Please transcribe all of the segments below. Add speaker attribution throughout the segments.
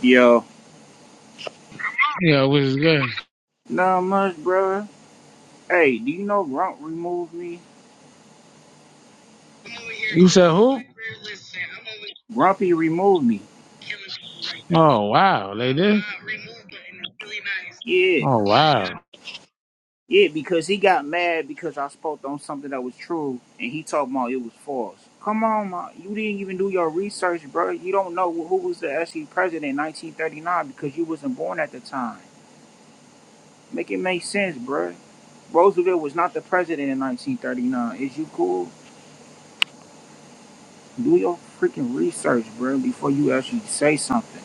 Speaker 1: Yo,
Speaker 2: Yeah, it was good.
Speaker 1: not much, brother. Hey, do you know Grump removed me?
Speaker 2: You said who?
Speaker 1: Grumpy removed me.
Speaker 2: Oh wow, they did.
Speaker 1: Yeah,
Speaker 2: Oh wow.
Speaker 1: yeah, because he got mad because I spoke on something that was true, and he talking about it was false. Come on, ma, you didn't even do your research, bro. You don't know who was the actually president in 1939 because you wasn't born at the time. Make it make sense, bro. Roosevelt was not the president in 1939. Is you cool? Do your freaking research, bro, before you actually say something.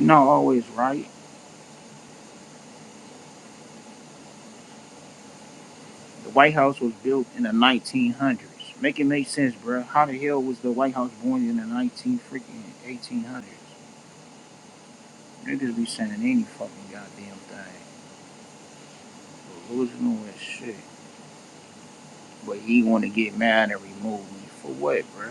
Speaker 1: You're not always right. The White House was built in the 1900s. Make it make sense, bro. How the hell was the White House born in the 19 freaking 1800s? Niggas be saying any fucking goddamn thing. Delusional as shit. But he want to get mad and remove me. For what, bro?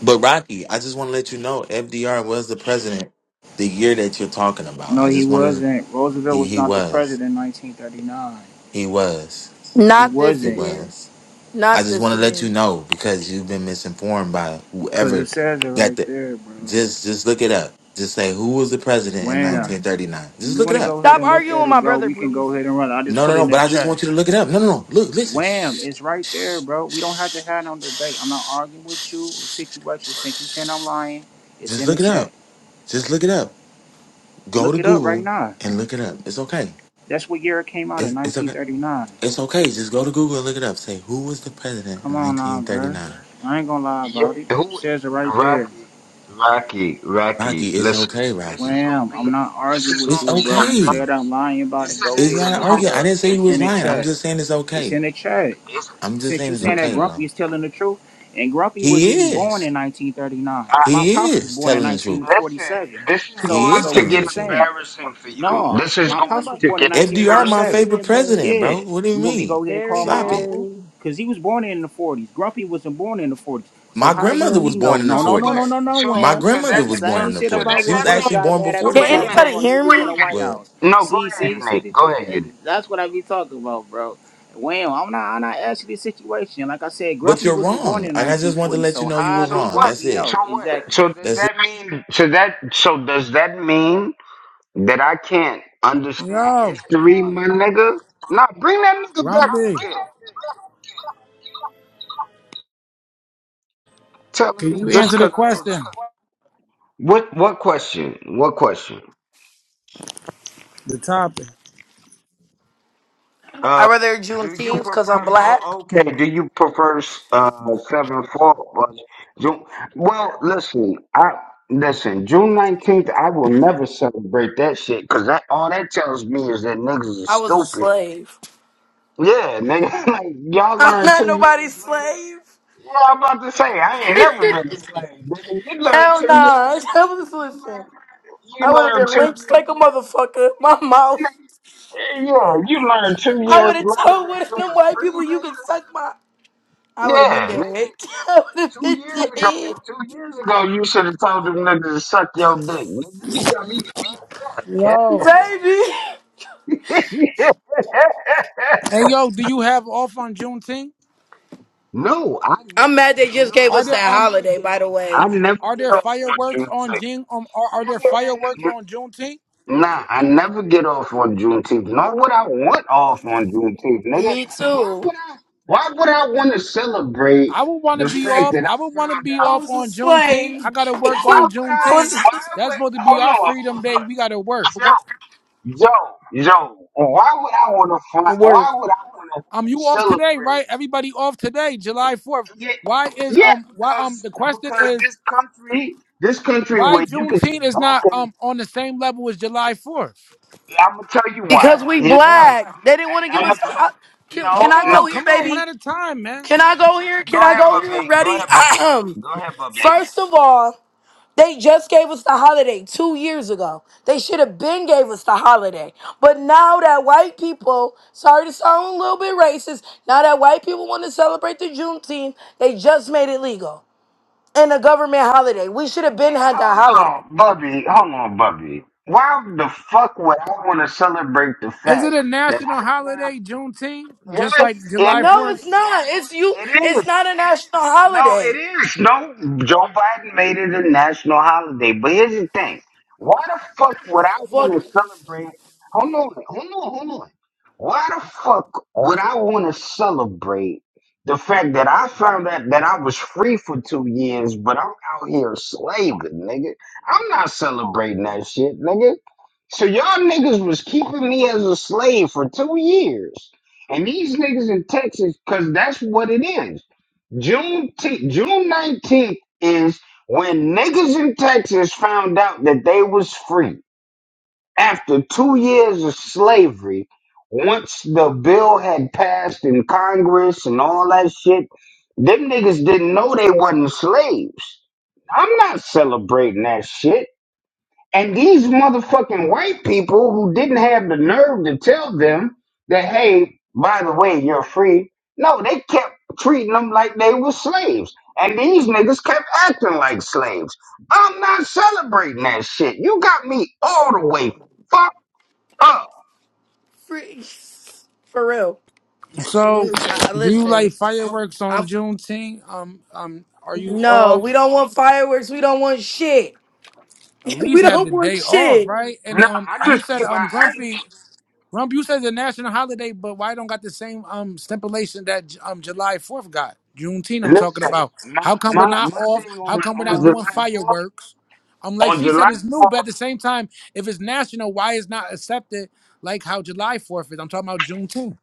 Speaker 3: But Rocky, I just want to let you know FDR was the president the year that you're talking about.
Speaker 1: No,
Speaker 3: I
Speaker 1: he
Speaker 3: just wanted to,
Speaker 1: wasn't. Roosevelt
Speaker 3: he
Speaker 1: was
Speaker 3: he
Speaker 1: not the
Speaker 3: was.
Speaker 1: president in 1939.
Speaker 3: He was.
Speaker 1: He
Speaker 4: Not this
Speaker 3: He
Speaker 1: wasn't.
Speaker 4: again.
Speaker 3: was. I
Speaker 4: Not
Speaker 3: just
Speaker 4: this
Speaker 3: want to let you
Speaker 4: again.
Speaker 3: know because you've been misinformed by
Speaker 1: Because it
Speaker 3: whoever
Speaker 1: says it
Speaker 3: got
Speaker 1: right
Speaker 3: the
Speaker 1: there, bro.
Speaker 3: just just look it up. Just say who was the president in
Speaker 1: Wham.
Speaker 4: Bruh.
Speaker 3: 1939.
Speaker 1: If
Speaker 3: Just
Speaker 1: you
Speaker 3: look it
Speaker 1: want to
Speaker 3: up.
Speaker 1: go ahead
Speaker 4: Stop
Speaker 1: and look
Speaker 4: arguing
Speaker 1: at
Speaker 4: with
Speaker 1: it,
Speaker 4: my
Speaker 1: bro,
Speaker 4: brother,
Speaker 1: we can
Speaker 4: please.
Speaker 1: go ahead and run. it. I just
Speaker 3: No, no,
Speaker 1: put it in
Speaker 3: no,
Speaker 1: the
Speaker 3: but I just
Speaker 1: chat.
Speaker 3: want you to look it up. No, no, no. Look, listen.
Speaker 1: Wham,
Speaker 3: Shh.
Speaker 1: it's right there, bro. We don't have to have no debate. I'm not arguing with you or situation since you saying I'm lying. It's
Speaker 3: Just
Speaker 1: in the
Speaker 3: look it
Speaker 1: chat.
Speaker 3: up. Just look it up. Go
Speaker 1: Look
Speaker 3: to
Speaker 1: it up right
Speaker 3: Google
Speaker 1: now.
Speaker 3: and look it up. It's okay.
Speaker 1: That's what year it came out in
Speaker 3: It's, it's okay.
Speaker 1: 1939.
Speaker 3: It's okay. Just go to Google and look it up. Say, who was the president
Speaker 1: Come
Speaker 3: in
Speaker 1: on now, bro.
Speaker 3: 1939?
Speaker 1: I ain't gonna lie
Speaker 5: Yeah,
Speaker 1: about it. It
Speaker 5: who
Speaker 1: Says it right there.
Speaker 5: Rocky, Rocky,
Speaker 3: Rocky,
Speaker 5: Rocky,
Speaker 3: it's
Speaker 5: listen,
Speaker 3: okay,
Speaker 5: this
Speaker 3: Rocky.
Speaker 5: is gonna
Speaker 1: Wham,
Speaker 5: be
Speaker 1: I'm not
Speaker 5: this
Speaker 1: arguing
Speaker 5: is
Speaker 1: with
Speaker 3: It's
Speaker 5: gonna
Speaker 1: you,
Speaker 5: be
Speaker 1: bro. You
Speaker 3: okay.
Speaker 1: said I'm
Speaker 5: embarrassing.
Speaker 1: lying about
Speaker 5: This
Speaker 1: it.
Speaker 5: is
Speaker 1: Go
Speaker 3: It's
Speaker 1: ahead
Speaker 3: not
Speaker 5: actually
Speaker 1: and
Speaker 3: an
Speaker 1: look
Speaker 5: gonna
Speaker 1: it
Speaker 3: argument. I
Speaker 1: up.
Speaker 3: didn't say he
Speaker 5: if
Speaker 1: It's
Speaker 5: you
Speaker 3: was
Speaker 1: in the
Speaker 3: lying.
Speaker 5: wanna
Speaker 3: I'm
Speaker 1: chat.
Speaker 3: just saying it's
Speaker 1: It's
Speaker 3: okay.
Speaker 1: in the chat.
Speaker 5: it's,
Speaker 3: I'm just
Speaker 1: since
Speaker 3: saying
Speaker 1: you
Speaker 3: it's
Speaker 1: saying
Speaker 5: this
Speaker 1: that
Speaker 3: okay,
Speaker 5: is
Speaker 1: Grumpy
Speaker 3: bro.
Speaker 1: is telling the truth, and Grumpy was even
Speaker 3: He
Speaker 1: born
Speaker 3: is.
Speaker 1: in 1939.
Speaker 5: I,
Speaker 1: My
Speaker 3: He
Speaker 1: pops was
Speaker 3: is
Speaker 1: born
Speaker 5: I
Speaker 1: in
Speaker 3: telling the truth.
Speaker 5: listen,
Speaker 1: 1947.
Speaker 5: this is
Speaker 1: So,
Speaker 3: He
Speaker 5: going
Speaker 3: is
Speaker 1: so
Speaker 5: to
Speaker 1: what
Speaker 3: telling
Speaker 5: get
Speaker 1: you
Speaker 3: the truth.
Speaker 1: saying?
Speaker 5: embarrassing for you.
Speaker 1: No,
Speaker 5: This is
Speaker 4: This
Speaker 1: my
Speaker 4: is
Speaker 5: going
Speaker 1: pops was
Speaker 4: about
Speaker 5: to
Speaker 4: to
Speaker 1: born
Speaker 4: get
Speaker 1: in
Speaker 5: get
Speaker 3: FDR, my
Speaker 5: embarrassing.
Speaker 1: 1947.
Speaker 4: very
Speaker 3: favorite president, bro.
Speaker 1: Yeah,
Speaker 4: embarrassing.
Speaker 3: What do you
Speaker 1: you want me to
Speaker 3: mean?
Speaker 1: go ahead and call
Speaker 4: Very,
Speaker 3: Stop
Speaker 1: my
Speaker 3: it.
Speaker 1: uncle?
Speaker 4: very.
Speaker 1: Cause he was born in the 40s. Grumpy wasn't born in the 40s. So
Speaker 3: My
Speaker 1: how the
Speaker 3: grandmother
Speaker 1: hell he
Speaker 3: was born
Speaker 1: know?
Speaker 3: in the
Speaker 1: No,
Speaker 5: So
Speaker 1: no, no, no,
Speaker 5: what?
Speaker 3: 40s.
Speaker 1: no, no,
Speaker 5: So
Speaker 3: My
Speaker 1: Wham.
Speaker 5: so
Speaker 3: grandmother
Speaker 1: That's
Speaker 5: that
Speaker 1: the
Speaker 3: was born
Speaker 5: so
Speaker 1: same
Speaker 3: in the
Speaker 1: shit
Speaker 5: so
Speaker 3: 40s.
Speaker 1: about
Speaker 5: does
Speaker 3: She
Speaker 1: what
Speaker 3: was
Speaker 5: that
Speaker 1: Russ
Speaker 3: actually
Speaker 5: mean
Speaker 1: got
Speaker 3: born
Speaker 1: mad at
Speaker 5: so
Speaker 3: before the
Speaker 1: me
Speaker 5: wait a
Speaker 4: Can
Speaker 1: about
Speaker 5: minute,
Speaker 3: 40s.
Speaker 1: talking
Speaker 4: anybody
Speaker 1: about he
Speaker 4: hear
Speaker 1: was
Speaker 5: wait
Speaker 1: in the
Speaker 5: a
Speaker 4: me?
Speaker 1: White
Speaker 5: minute.
Speaker 1: House.
Speaker 5: No, go
Speaker 1: See,
Speaker 5: ahead,
Speaker 1: see, see,
Speaker 5: Unique.
Speaker 1: that
Speaker 5: Go
Speaker 1: you-
Speaker 5: ahead,
Speaker 1: uh,
Speaker 5: Unique.
Speaker 1: that's what I be talking about, bro. Wham, I'm not, I'm not actually the situation. Like I said,
Speaker 3: But
Speaker 1: Grumpy
Speaker 3: you're
Speaker 1: wasn't born
Speaker 3: wrong.
Speaker 1: in
Speaker 3: And I just wanted to
Speaker 1: 1940.
Speaker 3: let you
Speaker 1: So
Speaker 3: know you were
Speaker 1: how do
Speaker 5: So
Speaker 3: wrong.
Speaker 5: what?
Speaker 3: That's
Speaker 1: Grumpy
Speaker 3: it.
Speaker 5: So
Speaker 1: know
Speaker 5: what?
Speaker 1: exactly?
Speaker 5: So does
Speaker 3: That's
Speaker 5: that mean? So that? So does that mean that I can't understand
Speaker 6: Yo,
Speaker 5: history, my nigga? Nah, bring that nigga back
Speaker 6: Grumpy,
Speaker 5: up here. Telling
Speaker 6: can
Speaker 5: me
Speaker 6: you
Speaker 5: just
Speaker 6: answer the
Speaker 5: because I
Speaker 6: question?
Speaker 5: was. What? What question? What question?
Speaker 6: The topic.
Speaker 4: I
Speaker 5: Uh,
Speaker 4: rather
Speaker 5: do you
Speaker 4: Juneteenth because
Speaker 5: prefer?
Speaker 4: I'm black.
Speaker 5: Oh, okay. Do you prefer uh seven four? Well, June, well, listen. I listen. June nineteenth. I will never celebrate that shit because that all that tells me is that niggas are
Speaker 4: I was a
Speaker 5: stupid
Speaker 4: slave.
Speaker 5: Yeah, nigga, like y'all
Speaker 4: I'm
Speaker 5: learn
Speaker 4: not
Speaker 5: two years
Speaker 4: nobody's
Speaker 5: later.
Speaker 4: slave.
Speaker 5: Yeah, I'm about to say I ain't never been a slave, nigga. You learn
Speaker 4: Hell
Speaker 5: two
Speaker 4: nah.
Speaker 5: years.
Speaker 4: I was
Speaker 5: You learn.
Speaker 4: listen.
Speaker 5: You
Speaker 4: I would have
Speaker 5: learn
Speaker 4: been
Speaker 5: two
Speaker 4: lynched
Speaker 5: years.
Speaker 4: like a motherfucker. My mouth.
Speaker 5: Nigga, yeah, you learn two
Speaker 4: I
Speaker 5: years
Speaker 4: would have
Speaker 5: later
Speaker 4: told
Speaker 5: that
Speaker 4: one of
Speaker 5: you
Speaker 4: them
Speaker 5: was
Speaker 4: white
Speaker 5: free,
Speaker 4: people you can suck my. I
Speaker 5: nigga.
Speaker 4: would have been
Speaker 5: Yeah, nigga.
Speaker 4: dead. I would have
Speaker 5: Two
Speaker 4: been
Speaker 5: years ago,
Speaker 4: dead,
Speaker 5: two years ago, you should have told them niggas to suck your dick, nigga. You got me fucked up, cat.
Speaker 6: Yo,
Speaker 4: baby.
Speaker 5: Yeah.
Speaker 6: hey yo, do you have off on Juneteenth?
Speaker 5: no, I
Speaker 4: I'm
Speaker 5: never.
Speaker 4: mad they just
Speaker 5: No,
Speaker 4: gave
Speaker 6: Are
Speaker 4: us
Speaker 5: I
Speaker 6: there
Speaker 4: that
Speaker 6: um
Speaker 5: never
Speaker 4: holiday,
Speaker 5: get
Speaker 4: by the
Speaker 5: off. I
Speaker 4: way.
Speaker 5: never
Speaker 6: are
Speaker 5: get
Speaker 6: there
Speaker 5: off on
Speaker 6: fireworks
Speaker 5: June
Speaker 6: on
Speaker 5: 6th.
Speaker 6: June um are, are there
Speaker 5: Nigga,
Speaker 6: fireworks on Juneteenth?
Speaker 5: Nah, I never get off on Juneteenth. Nor would I want off on Juneteenth, nigga.
Speaker 4: Me
Speaker 5: Why
Speaker 4: too.
Speaker 5: would I? Why would I want to celebrate
Speaker 6: I would want to
Speaker 5: the
Speaker 6: be
Speaker 5: fact
Speaker 6: off.
Speaker 5: that
Speaker 6: I
Speaker 5: I
Speaker 6: would want to
Speaker 5: found
Speaker 6: be
Speaker 5: out?
Speaker 4: I
Speaker 6: off
Speaker 4: was a
Speaker 6: on Juneteenth. I
Speaker 4: slave.
Speaker 6: gotta work
Speaker 5: Why
Speaker 6: on
Speaker 4: I
Speaker 5: would I?
Speaker 6: Juneteenth.
Speaker 4: was
Speaker 5: Why
Speaker 6: That's
Speaker 5: would?
Speaker 6: supposed to be
Speaker 5: Hold
Speaker 6: our
Speaker 5: on,
Speaker 6: freedom
Speaker 5: hold
Speaker 6: day.
Speaker 5: on,
Speaker 6: We gotta work.
Speaker 5: Joe, Joe, Joe. Why would I want to find?
Speaker 4: the work.
Speaker 5: Why would I want to
Speaker 6: Um, you off today,
Speaker 5: celebrate?
Speaker 6: right? Everybody off today, July fourth.
Speaker 5: Yeah,
Speaker 6: Why is
Speaker 5: yeah,
Speaker 6: um why um
Speaker 5: because
Speaker 6: the question
Speaker 5: because
Speaker 6: is
Speaker 5: this country, this country
Speaker 6: why
Speaker 5: where you can
Speaker 6: Juneteenth
Speaker 5: just
Speaker 6: is
Speaker 5: walk
Speaker 6: not
Speaker 5: in.
Speaker 6: um on the same level as July fourth?
Speaker 5: I'm gonna tell you
Speaker 4: Because
Speaker 5: why.
Speaker 4: we
Speaker 5: Here- I'm,
Speaker 6: Boy,
Speaker 4: black. They didn't want to give us
Speaker 5: gonna
Speaker 4: I- can,
Speaker 5: No,
Speaker 4: can
Speaker 6: come
Speaker 4: I
Speaker 5: no.
Speaker 4: go
Speaker 6: on,
Speaker 4: here,
Speaker 6: come on,
Speaker 5: Eh,
Speaker 6: one
Speaker 4: baby?
Speaker 6: at a time, man.
Speaker 4: Can I go here?
Speaker 5: Go
Speaker 4: Can I
Speaker 5: ahead,
Speaker 4: go here?
Speaker 5: Bubby. Go
Speaker 4: Ready?
Speaker 5: ahead, Bubby. Go ahead, Bubby.
Speaker 4: First of all, They just gave us the holiday two years ago. They should have been gave us the holiday. But now that white people, sorry to sound a little bit racist, now that white people want to celebrate the Juneteenth, they just made it legal and a government holiday. We should have been
Speaker 5: Nick,
Speaker 4: had that
Speaker 5: hold
Speaker 4: holiday.
Speaker 5: on, Bubby. Hold on, Bubby. Why the fuck would I want to celebrate the
Speaker 6: Is it
Speaker 5: fact
Speaker 6: a
Speaker 5: that
Speaker 6: national
Speaker 5: I found?
Speaker 6: holiday, Juneteenth, just like
Speaker 5: Yes,
Speaker 6: July
Speaker 4: No,
Speaker 5: it
Speaker 6: Fourth?
Speaker 4: it's
Speaker 5: is.
Speaker 4: not. It's you.
Speaker 5: It
Speaker 4: It's
Speaker 5: is.
Speaker 4: not a national
Speaker 5: No, it
Speaker 4: holiday.
Speaker 5: is. No, Joe Biden made it a national holiday. But here's the thing. Why the fuck would I
Speaker 4: For
Speaker 5: want to celebrate? Hold on, hold on, hold on. Why the fuck would I want to celebrate the fact that I found out that I was free for two years, but I'm out here slaving, nigga? I'm not celebrating that shit, nigga. So y'all niggas was keeping me as a slave for two years. And these niggas in Texas, because that's what it is. June te- June nineteenth is when niggas in Texas found out that they was free after two years of slavery. Once the bill had passed in Congress and all that shit, them niggas didn't know they wasn't slaves. I'm not celebrating that shit. And these motherfucking white people who didn't have the nerve to tell them that, hey, by the way, you're free. No, they kept treating them like they were slaves. And these niggas kept acting like slaves. I'm not celebrating that shit. You got me all the way fucked up.
Speaker 4: for, for real.
Speaker 6: So,
Speaker 4: I, I-
Speaker 6: do you like
Speaker 4: listen.
Speaker 6: fireworks
Speaker 4: I'm,
Speaker 6: on Juneteenth? Um, um, are you
Speaker 4: no,
Speaker 6: off?
Speaker 4: we don't want fireworks. We don't want shit.
Speaker 6: At
Speaker 4: We
Speaker 6: least have the
Speaker 4: don't want
Speaker 6: day off,
Speaker 4: shit.
Speaker 6: right? And
Speaker 5: Nah,
Speaker 6: um,
Speaker 5: I
Speaker 6: you
Speaker 5: just
Speaker 6: said
Speaker 5: keep my,
Speaker 6: um,
Speaker 5: I just,
Speaker 6: Grumpy. Rump, you said it's a national holiday, but why don't got the same um stipulation that um July Fourth got? Juneteenth, I'm talking
Speaker 5: listen,
Speaker 6: about. How
Speaker 5: my,
Speaker 6: come we're
Speaker 5: my,
Speaker 6: not
Speaker 5: my
Speaker 6: off?
Speaker 5: thing
Speaker 6: How
Speaker 5: on,
Speaker 6: come we're
Speaker 5: on
Speaker 6: not doing
Speaker 5: July 4th,
Speaker 6: fireworks? I'm like
Speaker 5: on
Speaker 6: she said,
Speaker 5: July
Speaker 6: it's new, but at the
Speaker 5: 4th,
Speaker 6: same time, if it's national, why is not accepted like how July Fourth is? I'm talking about Juneteenth.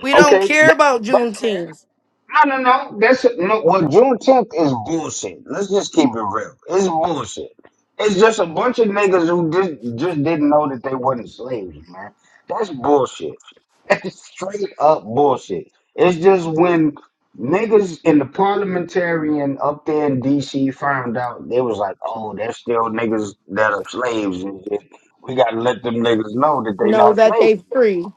Speaker 4: We don't
Speaker 5: okay,
Speaker 4: care
Speaker 5: that's,
Speaker 4: about
Speaker 5: that's fair.
Speaker 4: Juneteenth.
Speaker 5: No, no, no. That's no. Well, Juneteenth is bullshit. Let's just keep it real. It's bullshit. It's just a bunch of niggas who did, just didn't know that they wasn't slaves, man. That's bullshit. That's straight up bullshit. It's just when niggas in the parliamentarian up there in DC found out, they was like, oh, there's still niggas that are slaves and shit. We gotta let them niggas know that they
Speaker 4: Know
Speaker 5: not
Speaker 4: that they
Speaker 5: slaves no more.
Speaker 4: free.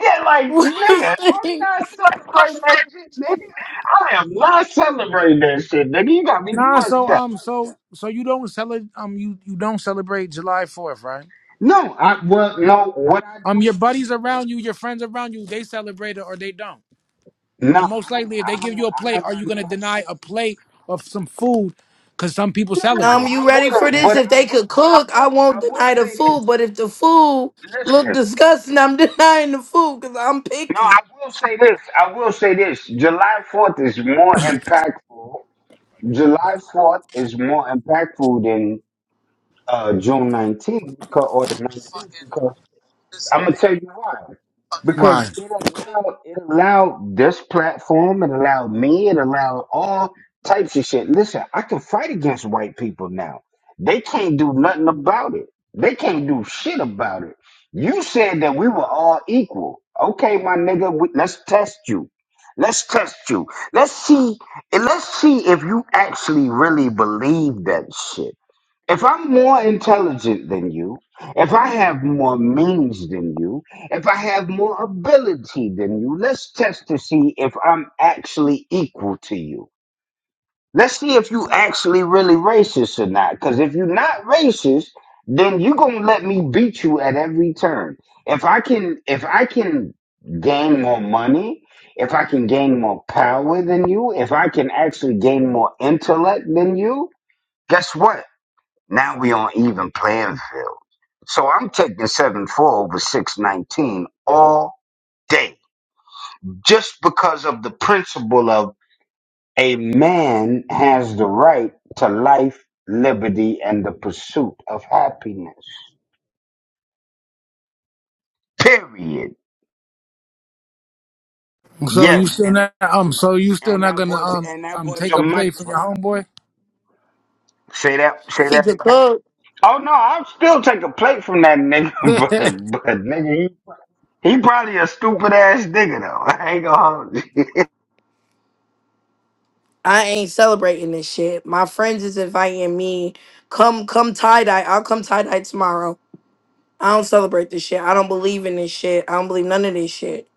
Speaker 5: Yeah, like, nigga,
Speaker 4: Like,
Speaker 5: I'm not celebrating that shit, nigga. I am not celebrating that shit, nigga. You got me
Speaker 6: Nah, so
Speaker 5: fucked up.
Speaker 6: um, so so you don't celebrate um you you don't celebrate July Fourth, right?
Speaker 5: No, I well, no, what I
Speaker 6: Um, your
Speaker 5: do?
Speaker 6: buddies around you, your friends around you, they celebrate it or they don't. And
Speaker 5: Nah, I
Speaker 6: most
Speaker 5: don't,
Speaker 6: likely, if they
Speaker 5: I don't,
Speaker 6: give you a
Speaker 5: I
Speaker 6: plate,
Speaker 5: don't
Speaker 6: are
Speaker 5: got
Speaker 6: you going to
Speaker 5: nothing.
Speaker 6: deny a plate of some food because some people
Speaker 5: No, no, no,
Speaker 4: Um,
Speaker 6: celebrate it?
Speaker 4: you
Speaker 5: I
Speaker 4: ready for
Speaker 5: wouldn't,
Speaker 4: this?
Speaker 5: but
Speaker 4: If
Speaker 5: I
Speaker 4: they
Speaker 5: would,
Speaker 4: could
Speaker 5: but I
Speaker 4: cook,
Speaker 5: would,
Speaker 4: I
Speaker 5: I
Speaker 4: won't
Speaker 5: would
Speaker 4: deny the
Speaker 5: say
Speaker 4: food.
Speaker 5: this.
Speaker 4: But if the food look
Speaker 5: Listen,
Speaker 4: disgusting, I'm denying the food because I'm
Speaker 5: no,
Speaker 4: picky.
Speaker 5: I will say this. I will say this. July Fourth is more impactful. July Fourth is more impactful than uh, June nineteenth because or the nineteenth because I'm gonna tell you why. Because
Speaker 6: Right.
Speaker 5: it allowed it allowed this platform, it allowed me, it allowed all types of shit. Listen, I can fight against white people now. They can't do nothing about it. They can't do shit about it. You said that we were all equal. Okay, my nigga, we, let's test you. Let's test you. Let's see. and Let's see if you actually really believe that shit. If I'm more intelligent than you, if I have more means than you, if I have more ability than you, let's test to see if I'm actually equal to you. Let's see if you actually really racist or not. Because if you're not racist, then you're gonna let me beat you at every turn. If I can, if I can gain more money, if I can gain more power than you, if I can actually gain more intellect than you, guess what? Now we on even playing field. So I'm taking 7 4 over 619 all day just because of the principle of a man has the right to life, liberty, and the pursuit of happiness. Period.
Speaker 6: So you
Speaker 5: Yes,
Speaker 6: still
Speaker 5: and
Speaker 6: not
Speaker 5: that
Speaker 6: um so you still
Speaker 5: and
Speaker 6: not
Speaker 5: that
Speaker 6: gonna
Speaker 5: was
Speaker 6: um
Speaker 5: and that
Speaker 6: um
Speaker 5: was
Speaker 6: take
Speaker 5: a
Speaker 6: a plate
Speaker 5: mic
Speaker 6: from your
Speaker 5: drop.
Speaker 6: homeboy?
Speaker 5: Say that say
Speaker 4: If he
Speaker 5: that
Speaker 4: could
Speaker 5: again.
Speaker 4: cook,
Speaker 5: Oh no, I'll still take a plate from that nigga, but but nigga, he, he probably a stupid ass nigga though. I ain't gonna hold you.
Speaker 4: I ain't celebrating this shit. My friends is inviting me. Come, come tie dye. I'll come tie dye tomorrow. I don't celebrate this shit. I don't believe in this shit. I don't believe none of this shit.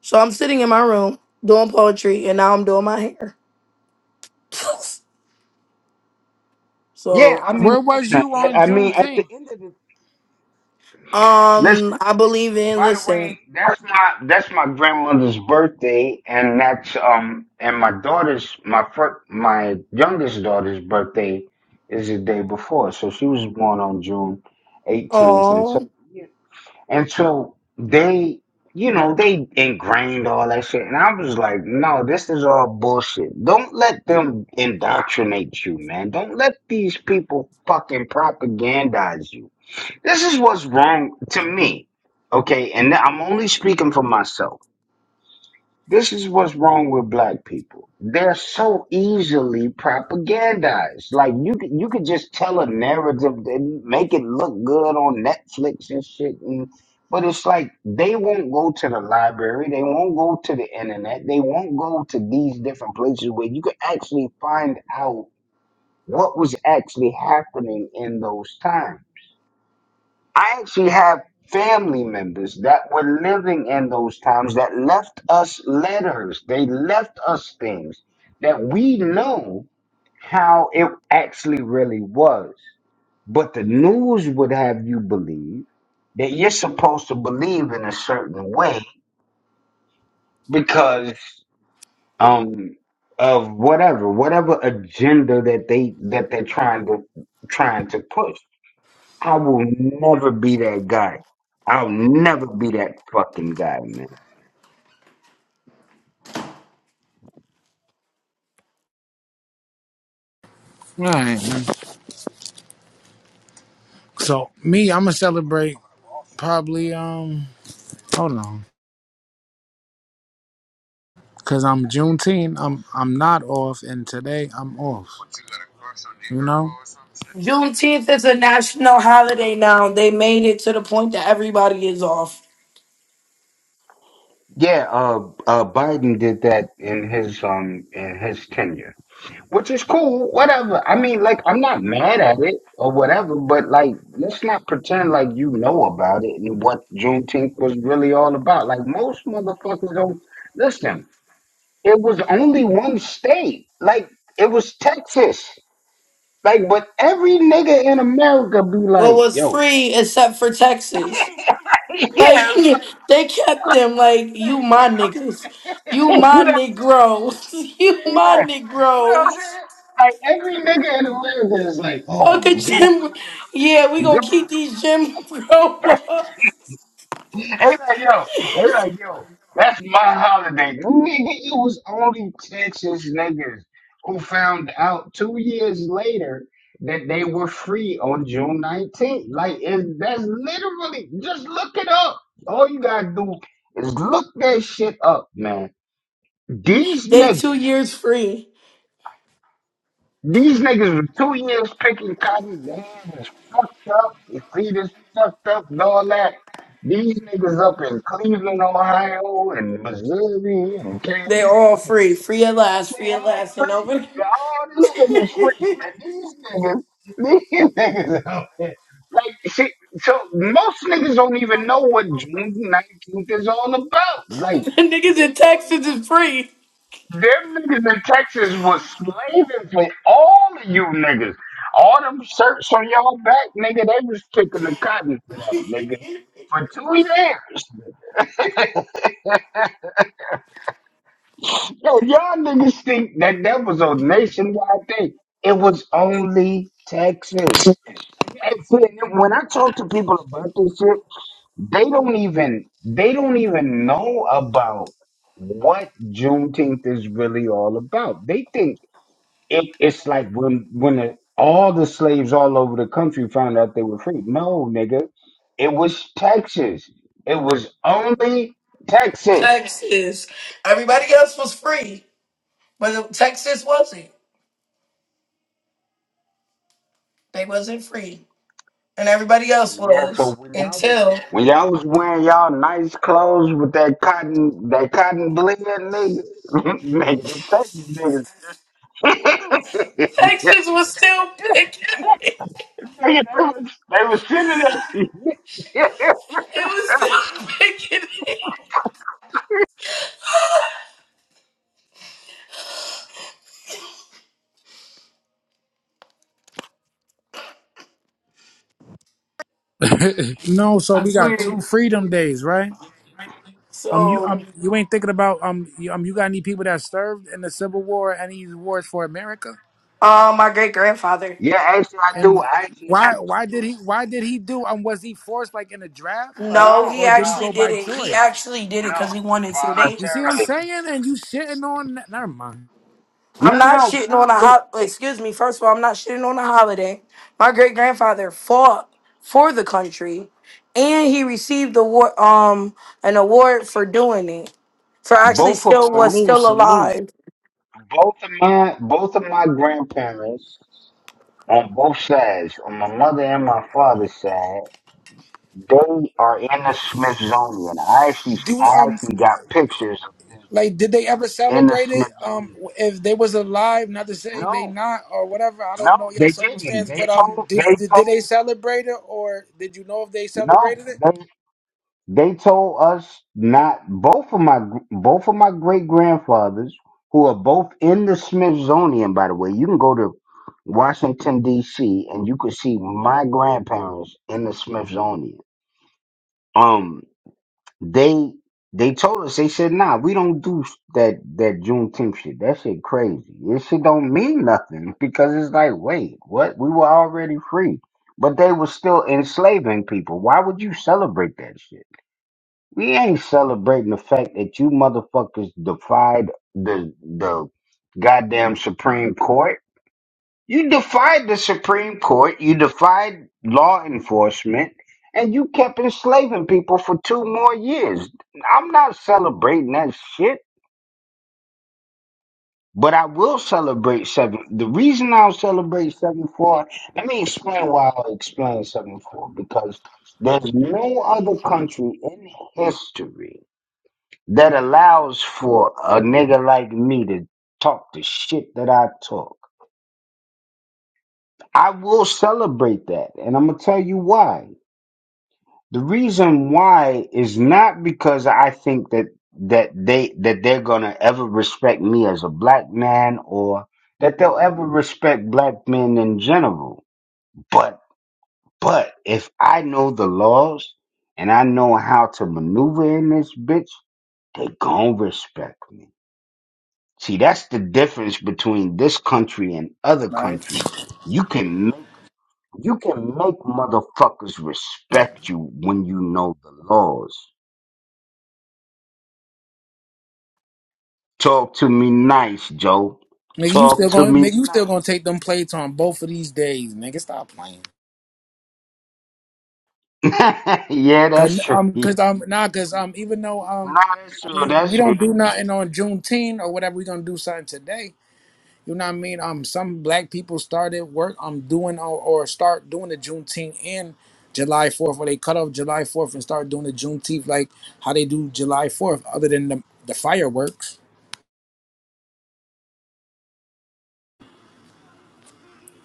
Speaker 4: So I'm sitting in my room doing poetry, and now I'm doing my hair.
Speaker 5: Yeah,
Speaker 4: so
Speaker 5: I
Speaker 6: Where
Speaker 5: mean,
Speaker 6: was
Speaker 5: listen.
Speaker 6: you
Speaker 5: I
Speaker 6: on
Speaker 5: I mean, at the
Speaker 6: Juneteenth?
Speaker 5: end of the
Speaker 4: Um,
Speaker 5: listen.
Speaker 4: I believe in
Speaker 5: By the way,
Speaker 4: listen.
Speaker 5: that's my that's my grandmother's birthday, and that's um and my daughter's my fir- my youngest daughter's birthday is the day before, so she was born on June eighteenth, and so.
Speaker 4: Oh,
Speaker 5: yeah. And so they, you know, they ingrained all that shit. And I was like, no, this is all bullshit. Don't let them indoctrinate you, man. Don't let these people fucking propagandize you. This is what's wrong to me. Okay. And I'm only speaking for myself. This is what's wrong with black people. They're so easily propagandized. Like you could you could just tell a narrative and make it look good on Netflix and shit. And, but it's like they won't go to the library. They won't go to the internet. They won't go to these different places where you could actually find out what was actually happening in those times. I actually have family members that were living in those times that left us letters. They left us things that we know how it actually really was. But the news would have you believe that you're supposed to believe in a certain way because um of whatever, whatever agenda that they that they're trying to trying to push. I will never be that guy. I'll never be that fucking guy, man.
Speaker 6: Right. So me, I'ma celebrate probably um hold on. Cause I'm Juneteenth, I'm I'm not off and today I'm off. You know?
Speaker 4: Juneteenth is a national holiday now. They made it to the point that everybody is off.
Speaker 5: Yeah, uh, uh, Biden did that in his um in his tenure, which is cool. Whatever. I mean, like, I'm not mad at it or whatever, but like, let's not pretend like you know about it and what Juneteenth was really all about. Like, most motherfuckers don't listen. It was only one state. Like, it was Texas. Like, but every nigga in America be
Speaker 4: What
Speaker 5: like,
Speaker 4: was
Speaker 5: yo,
Speaker 4: free except for Texas? Like
Speaker 5: Yeah, it's like,
Speaker 4: they kept
Speaker 5: like
Speaker 4: them. Like you, my niggas. You
Speaker 5: you know
Speaker 4: my
Speaker 5: what I'm saying?
Speaker 4: Negroes. You my
Speaker 5: Yeah. You know what I'm
Speaker 4: Negroes.
Speaker 5: saying? Like every nigga in America is like,
Speaker 4: Fuck a
Speaker 5: oh, Juneteenth
Speaker 4: Jim.
Speaker 5: is
Speaker 4: Yeah, we gonna
Speaker 5: June.
Speaker 4: keep these Jim Crow. laws.
Speaker 5: They like, yo, they like, yo, that's my holiday. Nigga, it was only Texas niggas who found out two years later that they were free on June 19th. Like, it, that's literally, just look it up. All you gotta do is look that shit up, man. These
Speaker 4: They two
Speaker 5: niggas.
Speaker 4: years free.
Speaker 5: These niggas were two years picking cotton. Their hands is fucked up. Their feet is fucked up and all that. These niggas up in Cleveland, Ohio, and Missouri, and
Speaker 4: They all
Speaker 5: Kansas, and
Speaker 4: free. Free at last.
Speaker 5: they
Speaker 4: Free at
Speaker 5: all
Speaker 4: last. And
Speaker 5: free.
Speaker 4: over.
Speaker 5: They All these niggas free, and these niggas, these niggas out there. Like, see, so most niggas don't even know what June 19th is all about. Like,
Speaker 4: Niggas in
Speaker 5: they don't
Speaker 4: Texas
Speaker 5: even
Speaker 4: is free.
Speaker 5: them niggas in Texas was slaving for all of you niggas. All them shirts on y'all back, nigga, they was kicking the cotton for that, nigga. For two years. Yo, y'all niggas think that that was a nationwide thing. It was only Texas. And, and see, and when I talk to people about this shit, they don't even they don't even know about what Juneteenth is really all about. They think it, it's like when when the, all the slaves all over the country found out they were free. No, nigga, it was Texas. It was only Texas.
Speaker 4: Texas. Everybody else was free, but Texas wasn't. They wasn't free, and everybody else
Speaker 5: Yeah. So
Speaker 4: was
Speaker 5: when y'all was
Speaker 4: until
Speaker 5: when y'all was wearing y'all nice clothes with that cotton that cotton blend, nigga, nigga, them Texas niggas.
Speaker 4: Texas was still picking me. It
Speaker 5: Nigga, they, was, they was sending it.
Speaker 4: was still picking me.
Speaker 6: no, so
Speaker 4: I
Speaker 6: we got
Speaker 4: swear.
Speaker 6: two freedom days, right? Um, you
Speaker 4: So,
Speaker 6: um, you ain't thinking about um, you, um, you got any people that served in the Civil War and these wars for America?
Speaker 4: uh, my great grandfather.
Speaker 5: yeah, actually, I do.
Speaker 6: And
Speaker 5: I actually
Speaker 6: why
Speaker 5: have
Speaker 6: why did he why did he do um? Was he forced like in a draft, like,
Speaker 4: No,
Speaker 5: no,
Speaker 4: he
Speaker 6: or did he
Speaker 5: no,
Speaker 4: actually
Speaker 6: go
Speaker 4: did
Speaker 6: by
Speaker 4: it. He
Speaker 6: choice?
Speaker 4: actually did it
Speaker 5: no.
Speaker 4: because he wanted to. They
Speaker 6: You see what I'm
Speaker 5: Voluntarily.
Speaker 6: saying? And you shitting on that. Never mind.
Speaker 4: I'm
Speaker 5: No,
Speaker 4: not
Speaker 5: no. What
Speaker 4: shitting
Speaker 5: I'm
Speaker 4: on a
Speaker 5: saying,
Speaker 4: hot. Excuse me. First of all, I'm not shitting on a holiday. My great grandfather fought for the country, and he received the war, um an award for doing it. For actually,
Speaker 5: both of
Speaker 4: still
Speaker 5: my,
Speaker 4: was
Speaker 6: Salute,
Speaker 4: still
Speaker 6: salute.
Speaker 4: alive.
Speaker 5: both of my, both of my grandparents on both sides, on my mother and my father's side, they are in the Smithsonian. I actually,
Speaker 6: Do we,
Speaker 5: I
Speaker 6: um
Speaker 5: actually got pictures of them
Speaker 6: like did they ever
Speaker 5: in the
Speaker 6: celebrate it? Um,
Speaker 5: Smithsonian.
Speaker 6: if they was alive, not to say they
Speaker 5: No,
Speaker 6: not or whatever. I don't know
Speaker 5: no,
Speaker 6: your
Speaker 5: they didn't.
Speaker 6: circumstance,
Speaker 5: They
Speaker 6: but um,
Speaker 5: told,
Speaker 6: did
Speaker 5: they
Speaker 6: did, did they
Speaker 5: told.
Speaker 6: celebrate it or did you know if they
Speaker 5: No,
Speaker 6: celebrated it?
Speaker 5: They told us not both of my both of my great grandfathers, who are both in the Smithsonian, by the way. You can go to Washington D.C. and you can see my grandparents in the Smithsonian. Um, they they told us they said, "Nah, we don't do that that Juneteenth shit. That shit crazy. This shit don't mean nothing because it's like, wait, what? We were already free, but they were still enslaving people. Why would you celebrate that shit?" We ain't celebrating the fact that you motherfuckers defied the the goddamn Supreme Court. You defied the Supreme Court. You defied law enforcement, and you kept enslaving people for two more years. I'm not celebrating that shit, but I will celebrate seven. The reason I'll celebrate seven four. Let me explain why I'll explain seven four because there's no other country in history that allows for a nigga like me to talk the shit that I talk. I will celebrate that, and I'm gonna tell you why. The reason why is not because I think that that they that they're gonna ever respect me as a black man or that they'll ever respect black men in general. But but if I know the laws and I know how to maneuver in this bitch, they gon' respect me. See, that's the difference between this country and other
Speaker 6: Right.
Speaker 5: countries. You can make you can make motherfuckers respect you when you know the laws. Talk to me nice, Joe.
Speaker 6: Nigga, you still
Speaker 5: Talk to
Speaker 6: gonna
Speaker 5: me
Speaker 6: nigga, you still gonna
Speaker 5: nice.
Speaker 6: take them plates on both of these days, nigga. Stop playing.
Speaker 5: yeah, that's
Speaker 6: Cause
Speaker 5: true.
Speaker 6: um,
Speaker 5: no,
Speaker 6: cause um, nah, cause um, even though um,
Speaker 5: that's
Speaker 6: I
Speaker 5: true.
Speaker 6: mean,
Speaker 5: That's
Speaker 6: we
Speaker 5: true.
Speaker 6: don't do
Speaker 5: That's true.
Speaker 6: nothing on Juneteenth or whatever. We gonna do something today. You know what I mean? Um, some black people started work. um, doing or, or start doing the Juneteenth and July Fourth, or they cut off July Fourth and start doing the Juneteenth, like how they do July Fourth. Other than the the fireworks.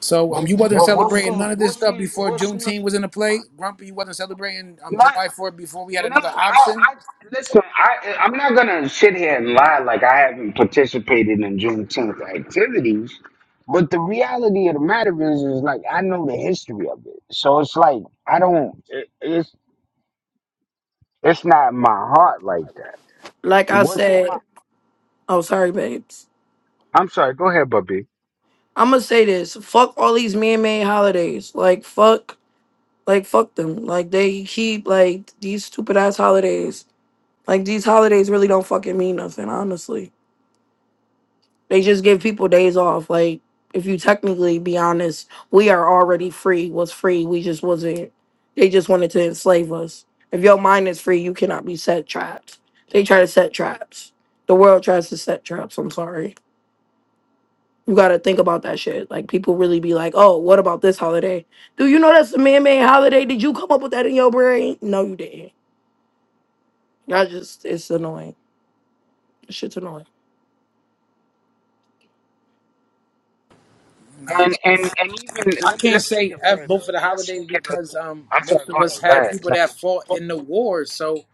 Speaker 6: So um, you wasn't
Speaker 5: Well, we'll
Speaker 6: celebrating
Speaker 5: see.
Speaker 6: none of this
Speaker 5: We'll
Speaker 6: stuff
Speaker 5: see.
Speaker 6: before
Speaker 5: We'll
Speaker 6: Juneteenth
Speaker 5: see.
Speaker 6: was in the play. Grumpy, you wasn't celebrating um
Speaker 5: Not.
Speaker 6: July Fourth before we had
Speaker 5: No,
Speaker 6: another
Speaker 5: I,
Speaker 6: option.
Speaker 5: I listen. I, I'm not gonna sit here and lie like I haven't participated in Juneteenth activities. But the reality of the matter is, is like I know the history of it. So it's like I don't. It, it's it's not in my heart like that.
Speaker 4: Like I
Speaker 5: What's in my?
Speaker 4: said, oh sorry, babes.
Speaker 5: I'm sorry. Go ahead, Bubby.
Speaker 4: I'm gonna say this. Fuck all these man-made holidays. Like fuck, like fuck them. Like they keep like these stupid ass holidays. Like these holidays really don't fucking mean nothing, honestly. They just give people days off. Like, if you technically be honest, we are already free. Was free. We just wasn't. They just wanted to enslave us. If your mind is free, you cannot be set traps. They try to set traps. The world tries to set traps. I'm sorry. You gotta think about that shit. Like people really be like, "Oh, what about this holiday? Do you know that's a man-made holiday? Did you come up with that in your brain? No, you didn't. Y'all just it's annoying. Shit's annoying.
Speaker 6: Nah,
Speaker 5: And
Speaker 6: but
Speaker 5: and and even
Speaker 6: I
Speaker 5: let me
Speaker 6: can't
Speaker 5: let's take
Speaker 6: say
Speaker 5: it
Speaker 6: F
Speaker 5: further.
Speaker 6: both of the
Speaker 5: Let's take
Speaker 6: holidays
Speaker 5: it.
Speaker 6: because um
Speaker 5: I'm sorry.
Speaker 6: most
Speaker 5: Go
Speaker 6: of
Speaker 5: ahead.
Speaker 6: us
Speaker 5: Go
Speaker 6: had
Speaker 5: ahead.
Speaker 6: people
Speaker 5: Go ahead.
Speaker 6: that fought in the wars. So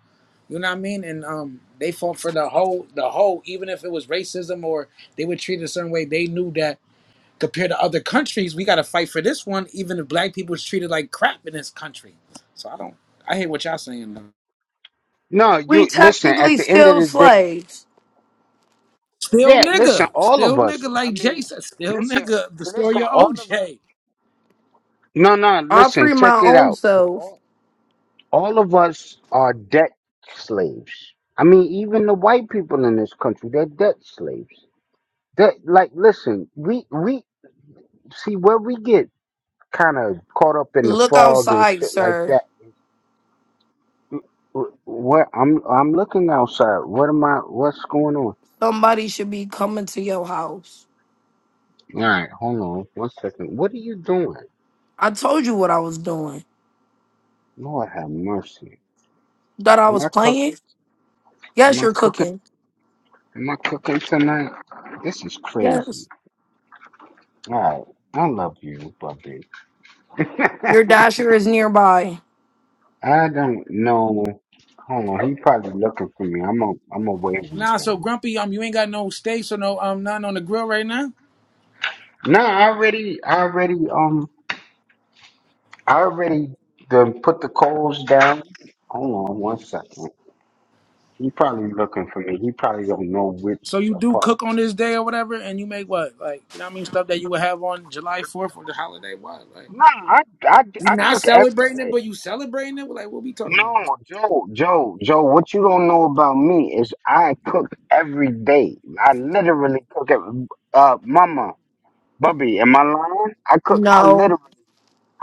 Speaker 6: you know what I mean, and um they fought for the whole the whole, even if it was racism or they were treated a certain way. They knew that compared to other countries, we got to fight for this one. Even if black people was treated like crap in this country, so I don't. I hear what y'all saying.
Speaker 5: No,
Speaker 4: We
Speaker 5: you listen. At
Speaker 4: technically
Speaker 5: the end of
Speaker 4: still
Speaker 5: the day.
Speaker 4: slaves.
Speaker 6: Still
Speaker 5: Yeah, listen,
Speaker 6: nigga.
Speaker 5: all of
Speaker 6: Still
Speaker 5: us.
Speaker 6: nigga
Speaker 5: I
Speaker 6: like Jay
Speaker 5: mean,
Speaker 6: said. Still
Speaker 5: listen,
Speaker 6: nigga. The story
Speaker 5: listen,
Speaker 6: of
Speaker 5: all of us.
Speaker 6: OJ.
Speaker 5: No, no,
Speaker 4: I
Speaker 5: listen,
Speaker 4: free my
Speaker 5: check it
Speaker 4: own
Speaker 5: out.
Speaker 4: self.
Speaker 5: All, all of us are debt slaves. I mean, even the white people in this country, they're debt slaves. That like, listen, we we see where we get kind of caught up in the
Speaker 4: Look
Speaker 5: fog and
Speaker 4: outside,
Speaker 5: shit like
Speaker 4: sir.
Speaker 5: that. Wh- Where I'm I'm looking outside. What am I? What's going on?
Speaker 4: Somebody should be coming to your house.
Speaker 5: All right, hold on one second. What are you doing?
Speaker 4: I told you what I was doing.
Speaker 5: Lord have mercy.
Speaker 4: That I
Speaker 5: Am
Speaker 4: was
Speaker 5: I
Speaker 4: playing?
Speaker 5: cooking? Am
Speaker 4: Yes,
Speaker 5: I
Speaker 4: you're
Speaker 5: cooking?
Speaker 4: cooking.
Speaker 5: Am I cooking tonight? This is crazy.
Speaker 4: Yes.
Speaker 5: All right. I love you, Bubby.
Speaker 4: Your dasher is nearby.
Speaker 5: I don't know. Hold on. He probably looking for me. I'm a, I'm a wave him
Speaker 6: Nah, so
Speaker 5: down.
Speaker 6: Grumpy, um, you ain't got no steaks or no um none on the grill right now.
Speaker 5: No, I already, I already, um, I already done put the coals down. Hold on one second. He probably looking for me. He probably don't know which
Speaker 6: So you do
Speaker 5: apartment.
Speaker 6: cook on this day or whatever, and you make what? Like, you know what I mean? Stuff that you would have on July 4th or the holiday. What? Like
Speaker 5: No, I, I,
Speaker 6: you
Speaker 5: I
Speaker 6: not
Speaker 5: cook every
Speaker 6: celebrating it,
Speaker 5: day.
Speaker 6: but you celebrating it? Like, what we talking about?
Speaker 5: No, Joe, Joe, Joe, what you don't know about me is I cook every day. I literally cook every, uh mama, Bubby, am I lying? I cook I
Speaker 4: No.
Speaker 5: literally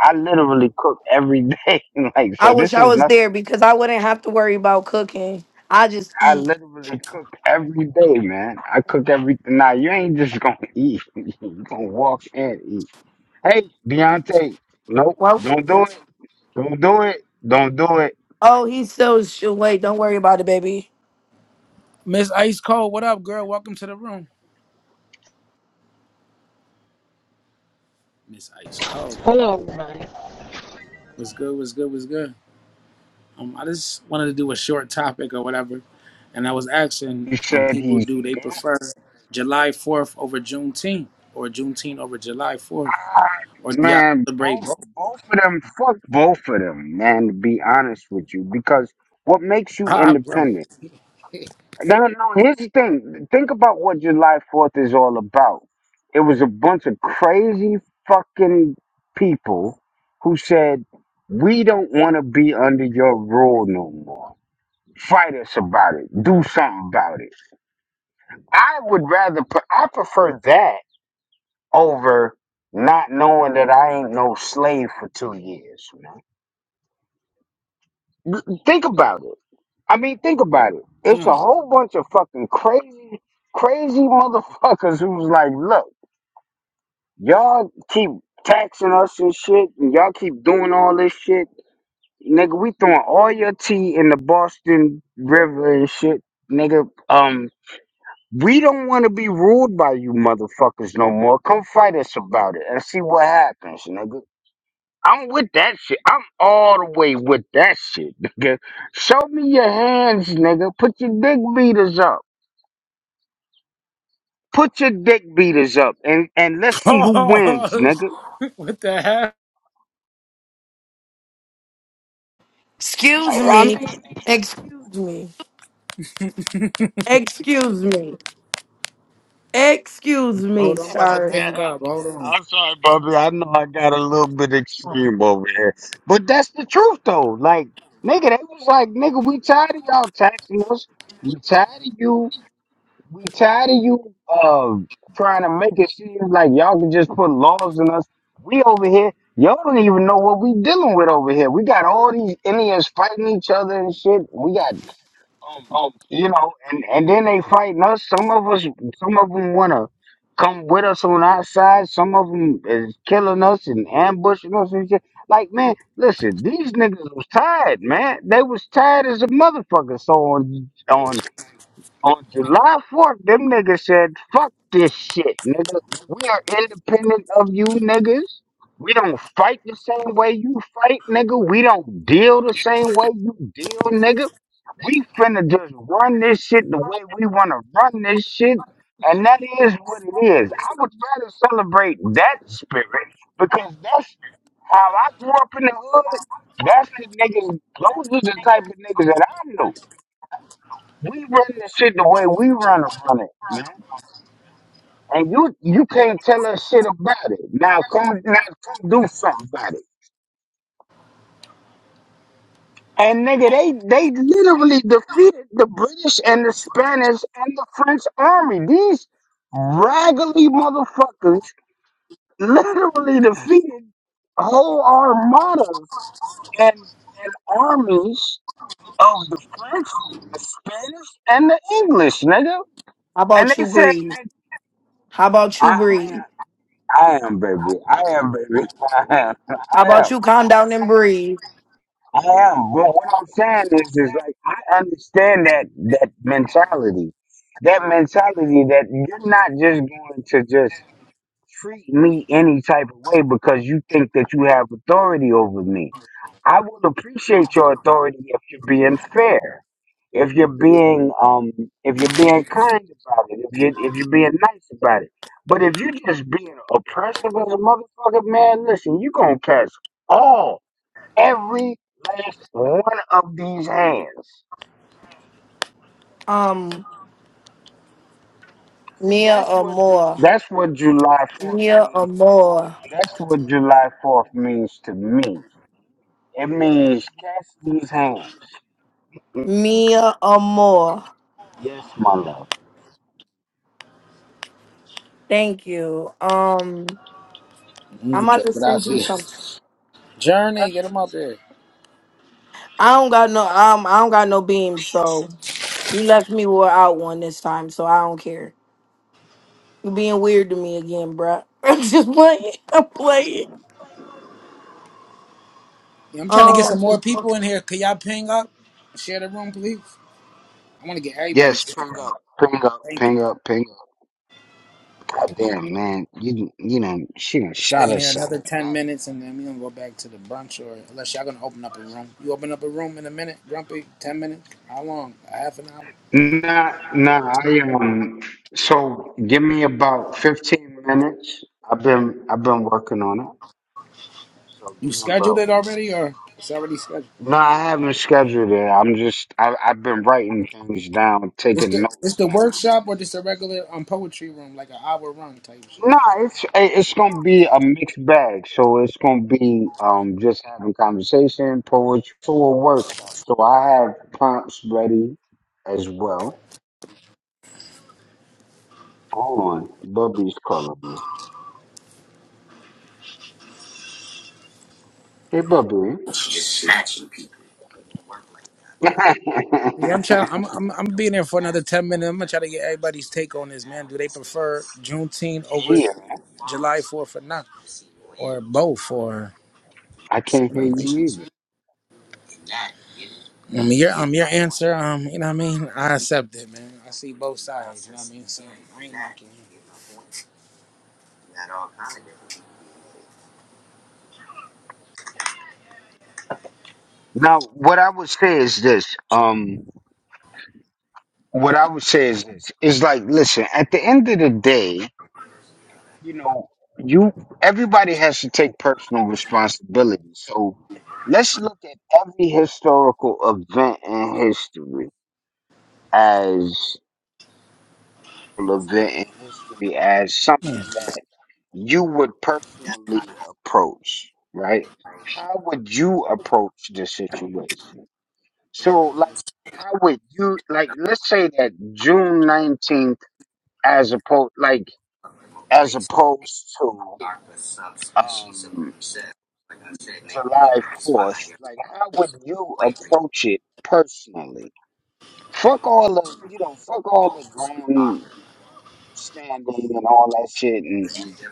Speaker 5: I literally cook every day. like
Speaker 4: I
Speaker 5: so
Speaker 4: wish
Speaker 5: this
Speaker 4: I
Speaker 5: is
Speaker 4: was
Speaker 5: nothing.
Speaker 4: there because I wouldn't have to worry about cooking. I just
Speaker 5: I
Speaker 4: eat.
Speaker 5: literally cook every day, man. I cook everything. Now you ain't just gonna eat. you gonna walk and eat. Hey, Deontay, nope,
Speaker 4: Well,
Speaker 5: don't do it. Don't do it. Don't do it.
Speaker 4: oh, he still should wait. Don't worry about it, baby.
Speaker 6: Miss Ice Cold, what up, girl? Welcome to the room. Miss Ice Cold.
Speaker 7: Hello, everybody.
Speaker 6: What's good, what's good, what's good? Um, I just wanted to do a short topic or whatever, and I was asking
Speaker 5: He
Speaker 6: um,
Speaker 5: said
Speaker 6: people
Speaker 5: he's
Speaker 6: do they
Speaker 5: not.
Speaker 6: prefer July Fourth over Juneteenth or Juneteenth over July Fourth, or do y'all
Speaker 5: Man,
Speaker 6: celebrate
Speaker 5: both
Speaker 6: both?
Speaker 5: both of them, fuck both of them, man, to be honest with you. Because what makes you
Speaker 6: Ah, bro.
Speaker 5: independent? No, no, here's the thing. Think about what July 4th is all about. It was a bunch of crazy fucking people who said, We don't want to be under your rule no more. Fight us about it. Do something about it. I would rather, pre- I prefer that over not knowing that I ain't no slave for two years, man. Th- Think about it. I mean, think about it. It's a
Speaker 6: Mm.
Speaker 5: whole bunch of fucking crazy, crazy motherfuckers who's like, look, y'all keep taxing us and shit, and y'all keep doing all this shit. Nigga, we throwing all your tea in the Boston River and shit. Nigga, um, we don't want to be ruled by you motherfuckers no more. Come fight us about it and see what happens, nigga. I'm with that shit. I'm all the way with that shit, nigga. Show me your hands, nigga. Put your dick beaters up. Put your dick beaters up, and and let's see who wins,
Speaker 6: Pause.
Speaker 5: nigga.
Speaker 6: what the heck?
Speaker 4: Excuse
Speaker 5: I, I
Speaker 4: me.
Speaker 5: mean,
Speaker 4: Excuse me. Excuse me. Excuse me,
Speaker 6: Hold on, I'm about to
Speaker 4: sir.
Speaker 6: ping up. Hold on.
Speaker 5: I'm sorry, Bubby. I know I got a little bit extreme over here, but that's the truth, though. Like, nigga, they was like, nigga, we tired of y'all taxing us. We tired of you. We tired of you um trying to make it seem like y'all can just put laws on us. We over here, y'all don't even know what we dealing with over here. We got all these Indians fighting each other and shit. We got um, you know, and and then they fighting us. Some of us, some of them wanna come with us on our side. Some of them is killing us and ambushing us and shit. Like man, listen, these niggas was tired, man. They was tired as a motherfucker. So on on on July 4th, them niggas said, fuck this shit, nigga. We are independent of you niggas. We don't fight the same way you fight, nigga. We don't deal the same way you deal, nigga. We finna just run this shit the way we wanna run this shit. And that is what it is. I would rather celebrate that spirit because that's how I grew up in the hood. That's the niggas, those are the type of niggas that I knew. We run the shit the way we run it, run it, man. And you you can't tell us shit about it. Now come now come do something about it. And nigga, they they literally defeated the British and the Spanish and the French army. These raggedy motherfuckers literally defeated whole armadas and and armies of the French, the Spanish, and the English, nigga.
Speaker 4: How
Speaker 5: And
Speaker 4: about
Speaker 5: they
Speaker 4: you
Speaker 5: said,
Speaker 4: breathe? How about you breathe?
Speaker 5: nigga. I am, baby. I am, baby. I am. I
Speaker 4: How about
Speaker 5: am.
Speaker 4: you calm
Speaker 5: I'm
Speaker 4: down and
Speaker 5: saying
Speaker 4: breathe?
Speaker 5: I am. But what I'm saying is, is like I understand that that mentality, that mentality that you're not just going to just treat me any type of way because you think that you have authority over me. I will appreciate your authority if you're being fair, if you're being um, if you're being kind about it, if you if you're being nice about it. But if you're just being oppressive as a motherfucker, man, listen, you gonna catch all every last one of these hands.
Speaker 4: Um,
Speaker 5: See,
Speaker 4: Mia
Speaker 5: that's what Ju-
Speaker 4: Amor.
Speaker 5: that's what July Fourth
Speaker 4: Mia
Speaker 5: means.
Speaker 4: Amor.
Speaker 5: That's what July Fourth means to me It means catch these hands.
Speaker 4: Mia Amor.
Speaker 5: Yes, my love.
Speaker 4: Thank you. Um, I'm about
Speaker 6: Mucho
Speaker 4: to send you
Speaker 6: gracias.
Speaker 4: something.
Speaker 6: Journey, get them up there.
Speaker 4: I don't got no um I don't got no beams, so you left me wore out one this time, so I don't care. You being weird to me again, bruh. I'm just playing. I'm playing.
Speaker 6: Yeah, I'm trying to get
Speaker 4: Um
Speaker 6: some more people in here. Could y'all ping up? Share the room, please. I want to get everybody's
Speaker 5: Yes,
Speaker 6: take
Speaker 5: ping
Speaker 6: on it.
Speaker 5: up, ping up,
Speaker 6: Thank you.
Speaker 5: ping up, ping up. God damn, man, you you know she done shot
Speaker 6: Staying here
Speaker 5: herself.
Speaker 6: another 10 minutes and then we're gonna go back to the brunch or unless y'all gonna open up a room. You open up a room in a minute, Grumpy? 10 minutes? How long? A half an hour?
Speaker 5: Nah, nah. I um. So give me about fifteen minutes. I've been I've been working on it. So
Speaker 6: You
Speaker 5: give me
Speaker 6: scheduled
Speaker 5: about.
Speaker 6: it already or it's already scheduled?
Speaker 5: No, I haven't scheduled it. I'm just I I've been writing things down,
Speaker 6: It's
Speaker 5: taking
Speaker 6: the it's
Speaker 5: notes
Speaker 6: the workshop or just a regular um poetry room, like an hour run type shit.
Speaker 5: No, it's it- it's gonna be a mixed bag. So it's gonna be um just having conversation, poetry, so a workshop. So I have prompts ready as well. Hold on, Bubby's calling me. Hey, Bubby. yeah,
Speaker 6: Yeah, I'm trying. I'm I'm I'm being there for another ten minutes. I'm gonna try to get everybody's take on this, man. Do they prefer Juneteenth over July Fourth or not, or both, or?
Speaker 5: I can't hear you either.
Speaker 6: I mean, your um, your answer, um, you know what I mean. I accept it, man. I see both sides. You know what I mean. So I ain't knocking you.
Speaker 5: Now, what I would say is this. Um, what I would say is this. It's like, listen. At the end of the day, you know, you everybody has to take personal responsibility. So let's look at every historical event in history as an event in history as something that you would personally approach, right? How would you approach the situation? So like how would you like let's say that June nineteenth as opposed like as opposed to um July 4th, like how would you approach it personally? Fuck all the, you know, fuck all the ground standing and all that shit and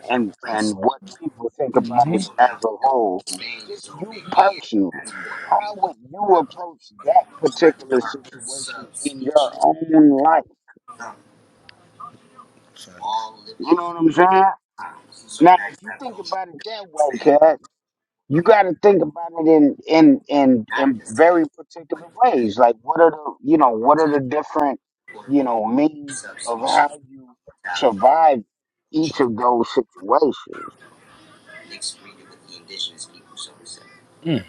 Speaker 5: and and what people think about it as a
Speaker 6: Mm-hmm.
Speaker 5: whole. Just you personally. How would you approach that particular situation in your own life? You know what I'm saying? Now, if you think about it that way, cuz you got to think about it in in in in very particular ways like what are the you know what are the different you know means of how you survive each of those situations
Speaker 6: Mm.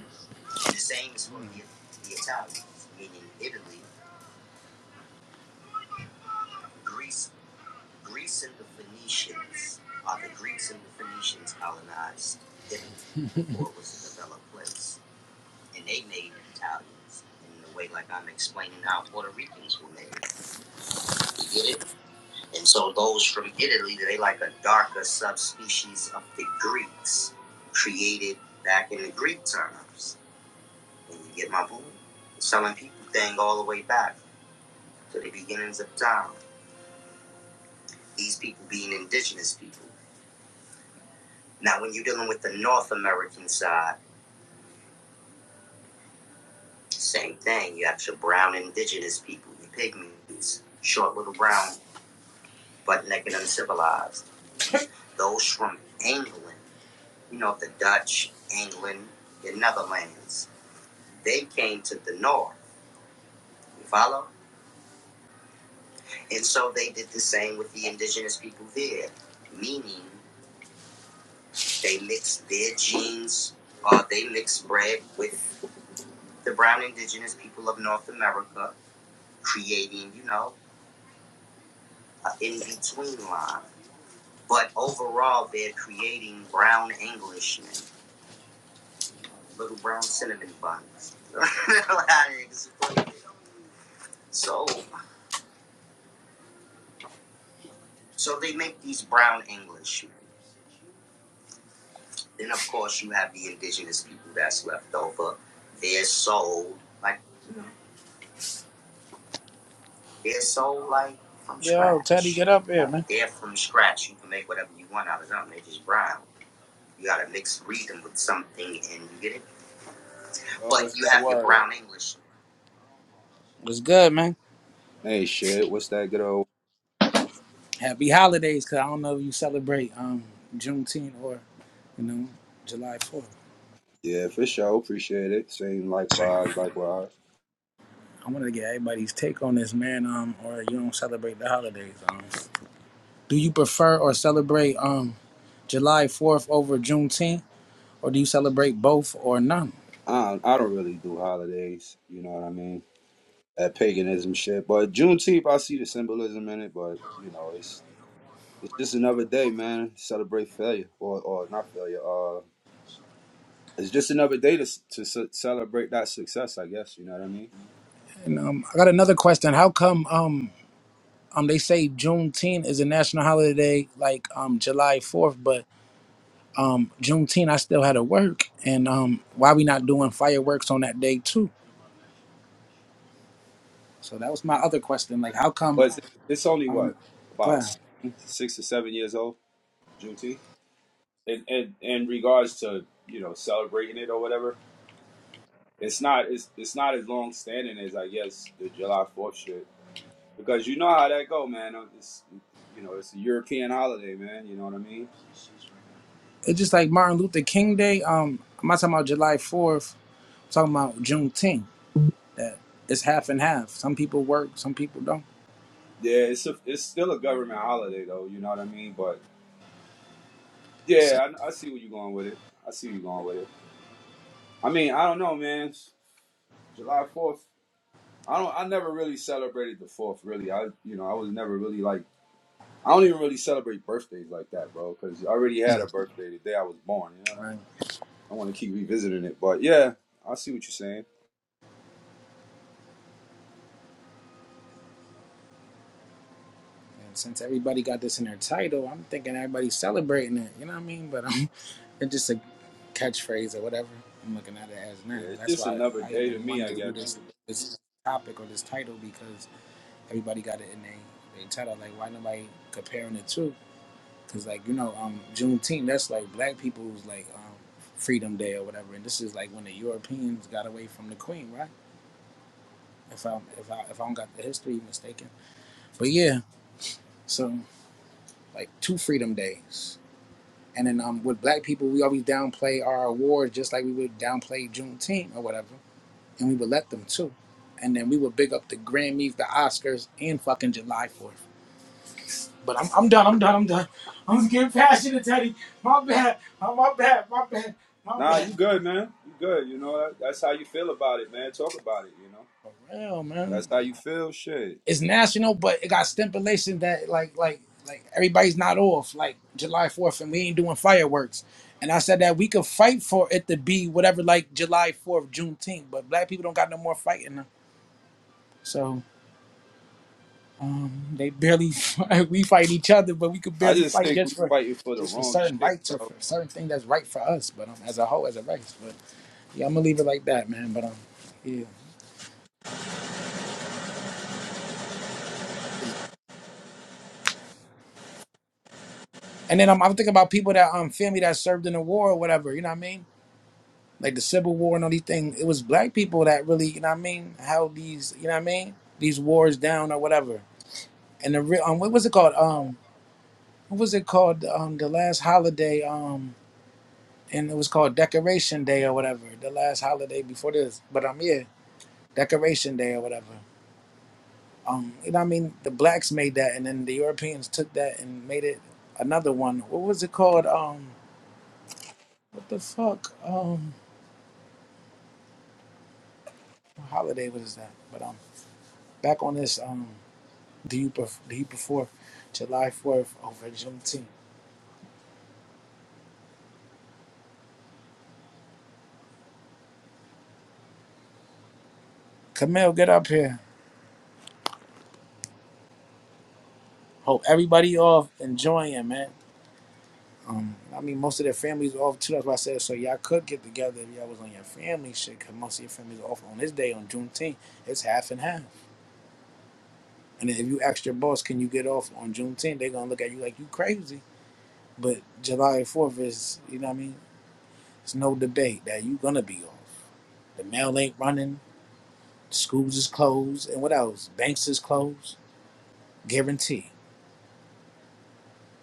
Speaker 6: Yo, Teddy, get up here, man.
Speaker 8: Oh, what's that word?
Speaker 6: What's good, man.
Speaker 8: Hey, shit, what's that good old?
Speaker 6: Happy holidays, cause I don't know if you celebrate um Juneteenth or you know July Fourth.
Speaker 8: Yeah, for sure, appreciate it. Same, likewise, likewise.
Speaker 6: I wanted to get everybody's take on this, man. Um, or you don't celebrate the holidays. Um, do you prefer or celebrate um July Fourth over Juneteenth? or do you celebrate both or none?
Speaker 8: I don't, I don't really do holidays, you know what I mean? That paganism shit, but Juneteenth, I see the symbolism in it, but you know, it's it's just another day, man. Celebrate failure, or or not failure. Uh, it's just another day to s- to ce- celebrate that success, I guess. You know what I mean?
Speaker 6: And um, I got another question. How come um um they say Juneteenth is a national holiday like um July Fourth, but um Juneteenth I still had to work, and um why we not doing fireworks on that day too? So that was my other question. Like how come
Speaker 8: But it's, it's only
Speaker 6: um
Speaker 8: what
Speaker 6: go
Speaker 8: about
Speaker 6: ahead.
Speaker 8: seven, six or seven years old, Juneteenth. in, in, in regards to you know celebrating it or whatever, it's not it's it's not as long standing as I guess the July Fourth shit because you know how that go, man. Uh, It's you know it's a European holiday, man. You know what I mean?
Speaker 6: It's just like Martin Luther King Day. Um, I'm not talking about July Fourth. I'm talking about Juneteenth. It's half and half. Some people work, some people don't.
Speaker 8: Yeah, it's a, it's still a government holiday though. You know what I mean? But
Speaker 6: So
Speaker 8: yeah, I, I see where you're going with it. I see where you're going with it. I mean, I don't know, man. July Fourth. I don't. I never really celebrated the Fourth. Really, I you know I was never really like I don't even really celebrate birthdays like that, bro, because I already had a birthday the day I was born. You know what I mean?
Speaker 6: right.
Speaker 8: I want to keep revisiting it, but yeah, I see what you're saying.
Speaker 6: And since everybody got this in their title, I'm thinking everybody's celebrating it. You know what I mean? But um, it's just a catchphrase or whatever. I'm looking at it as now.
Speaker 8: Yeah, it's
Speaker 6: That's
Speaker 8: just
Speaker 6: why
Speaker 8: another
Speaker 6: I
Speaker 8: day
Speaker 6: even
Speaker 8: to me,
Speaker 6: wanted
Speaker 8: I
Speaker 6: to do
Speaker 8: guess.
Speaker 6: this this topic or this title because everybody got it in their they title. Like why nobody comparing the two? Because like you know, um, Juneteenth that's like black people's like um, Freedom Day or whatever. And this is like when the Europeans got away from the Queen, right? If I am if I if I don't got the history mistaken, but yeah, so like two Freedom Days. And then um, with black people, we always downplay our awards just like we would downplay Juneteenth or whatever. And we would let them too. And then we would big up the Grammys, the Oscars, and fucking July 4th. But I'm, I'm done, I'm done, I'm done. I'm just getting passionate, Teddy. My bad, Oh, my bad, my bad, my
Speaker 8: Nah,
Speaker 6: bad.
Speaker 8: you good, man. You good. You know, that, that's how you feel about it, man. Talk about it. You know,
Speaker 6: For real, man.
Speaker 8: that's how you feel. Shit.
Speaker 6: it's national, but it got stipulation that like like like everybody's not off like July Fourth, and we ain't doing fireworks. And I said that we could fight for it to be whatever like July Fourth, Juneteenth, but black people don't got no more fighting them. So um, they barely we fight each other, but we could
Speaker 8: I
Speaker 6: barely
Speaker 8: just
Speaker 6: fight
Speaker 8: think we
Speaker 6: just for
Speaker 8: fighting for the
Speaker 6: just for
Speaker 8: wrong
Speaker 6: certain
Speaker 8: shit,
Speaker 6: rights or
Speaker 8: bro.
Speaker 6: for certain thing that's right for us. But um, as a whole, as a race, but yeah, I'm gonna leave it like that, man. But um, yeah. And then um, I'm thinking about people that um family that served in the war or whatever. You know what I mean? like the Civil War and all these things. It was black people that really, you know what I mean, held these, you know what I mean, these wars down or whatever. And the real, um, what was it called? Um, what was it called? Um, the last holiday, um, and it was called Decoration Day or whatever. The last holiday before this, but um, yeah, Decoration Day or whatever. Um, you know what I mean? The blacks made that, and then the Europeans took that and made it another one. What was it called? Um, what the fuck? Um, what holiday was that? But um, back on this. um. the year bef- the year before, July 4th over Juneteenth. Camille, get up here. Hope everybody off enjoying, man. Um, I mean, most of their families are off too. That's why I said so. Y'all could get together if y'all was on your family shit, cause most of your families are off on this day on Juneteenth. It's half and half. And if you ask your boss, can you get off on Juneteenth? They're gonna look at you like you crazy. But July 4th is, you know what I mean? It's no debate that you gonna be off. The mail ain't running. Schools is closed, and what else? Banks is closed. Guarantee.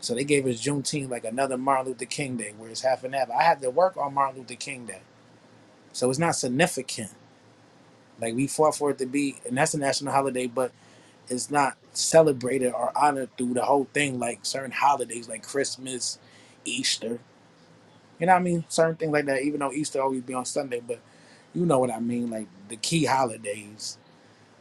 Speaker 6: So they gave us Juneteenth like another Martin Luther King Day, where it's half and half. I had to work on Martin Luther King Day, so it's not significant. Like we fought for it to be, and that's a national holiday, but it's not celebrated or honored through the whole thing. Like certain holidays, like Christmas, Easter, you know what I mean? Certain things like that. Even though Easter always be on Sunday, but you know what I mean? Like the key holidays,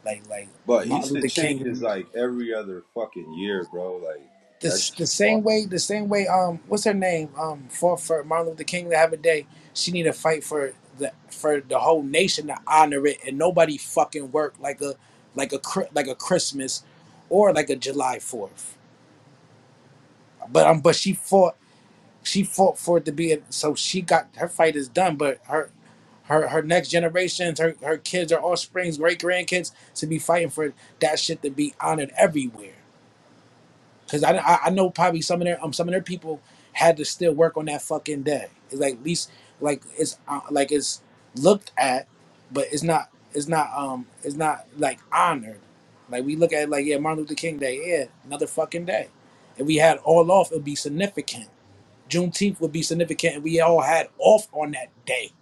Speaker 6: like like
Speaker 8: But
Speaker 6: Martin
Speaker 8: Easter
Speaker 6: Luther
Speaker 8: changes
Speaker 6: King.
Speaker 8: like every other fucking year, bro. Like that
Speaker 6: This the
Speaker 8: shit.
Speaker 6: same way the same way um what's her name um for for Martin Luther King to have a day she need to fight for the for the whole nation to honor it and nobody fucking work like a like a Chri- like a Christmas or like a July Fourth but um but she fought she fought for it to be it, so she got her fight is done but her her her next generations her her kids her offsprings great grandkids to be fighting for that shit to be honored everywhere Cause I, I I know probably some of their um some of their people had to still work on that fucking day. It's like at least like it's uh, like it's looked at, but it's not it's not um it's not like honored. Like we look at it like yeah Martin Luther King Day yeah another fucking day. If we had all off, it'd be significant. Juneteenth would be significant, and we all had off on that day,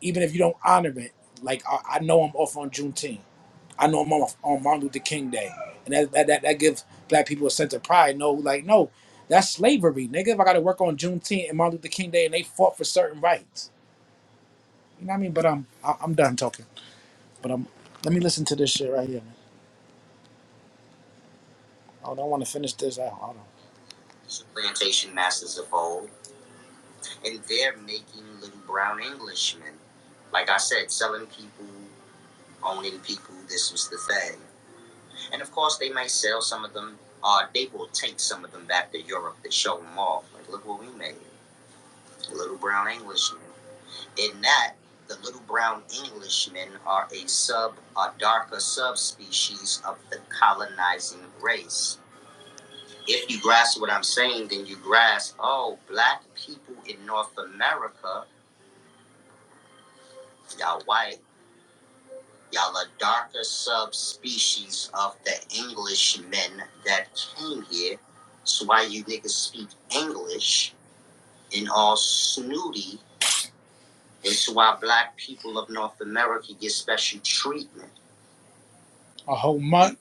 Speaker 6: even if you don't honor it. Like I, I know I'm off on Juneteenth. I know I'm on, on Martin Luther King Day, and that that, that that gives black people a sense of pride. No, like no, that's slavery, nigga. If I got to work on Juneteenth and Martin Luther King Day, and they fought for certain rights, you know what I mean? But um, I, I'm done talking. But um, let me listen to this shit right here. Man. I don't want to finish this out. Hold on, a whole month.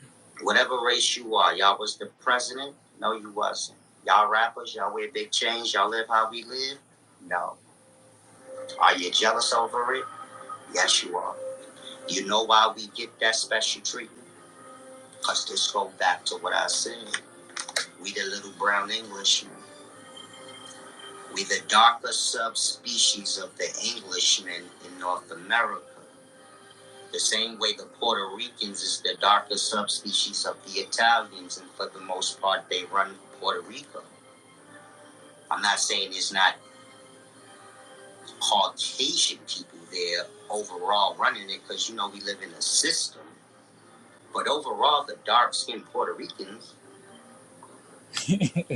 Speaker 6: have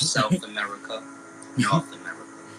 Speaker 6: South America, North America,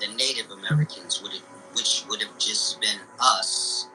Speaker 6: the Native Americans would have, which would have just been us.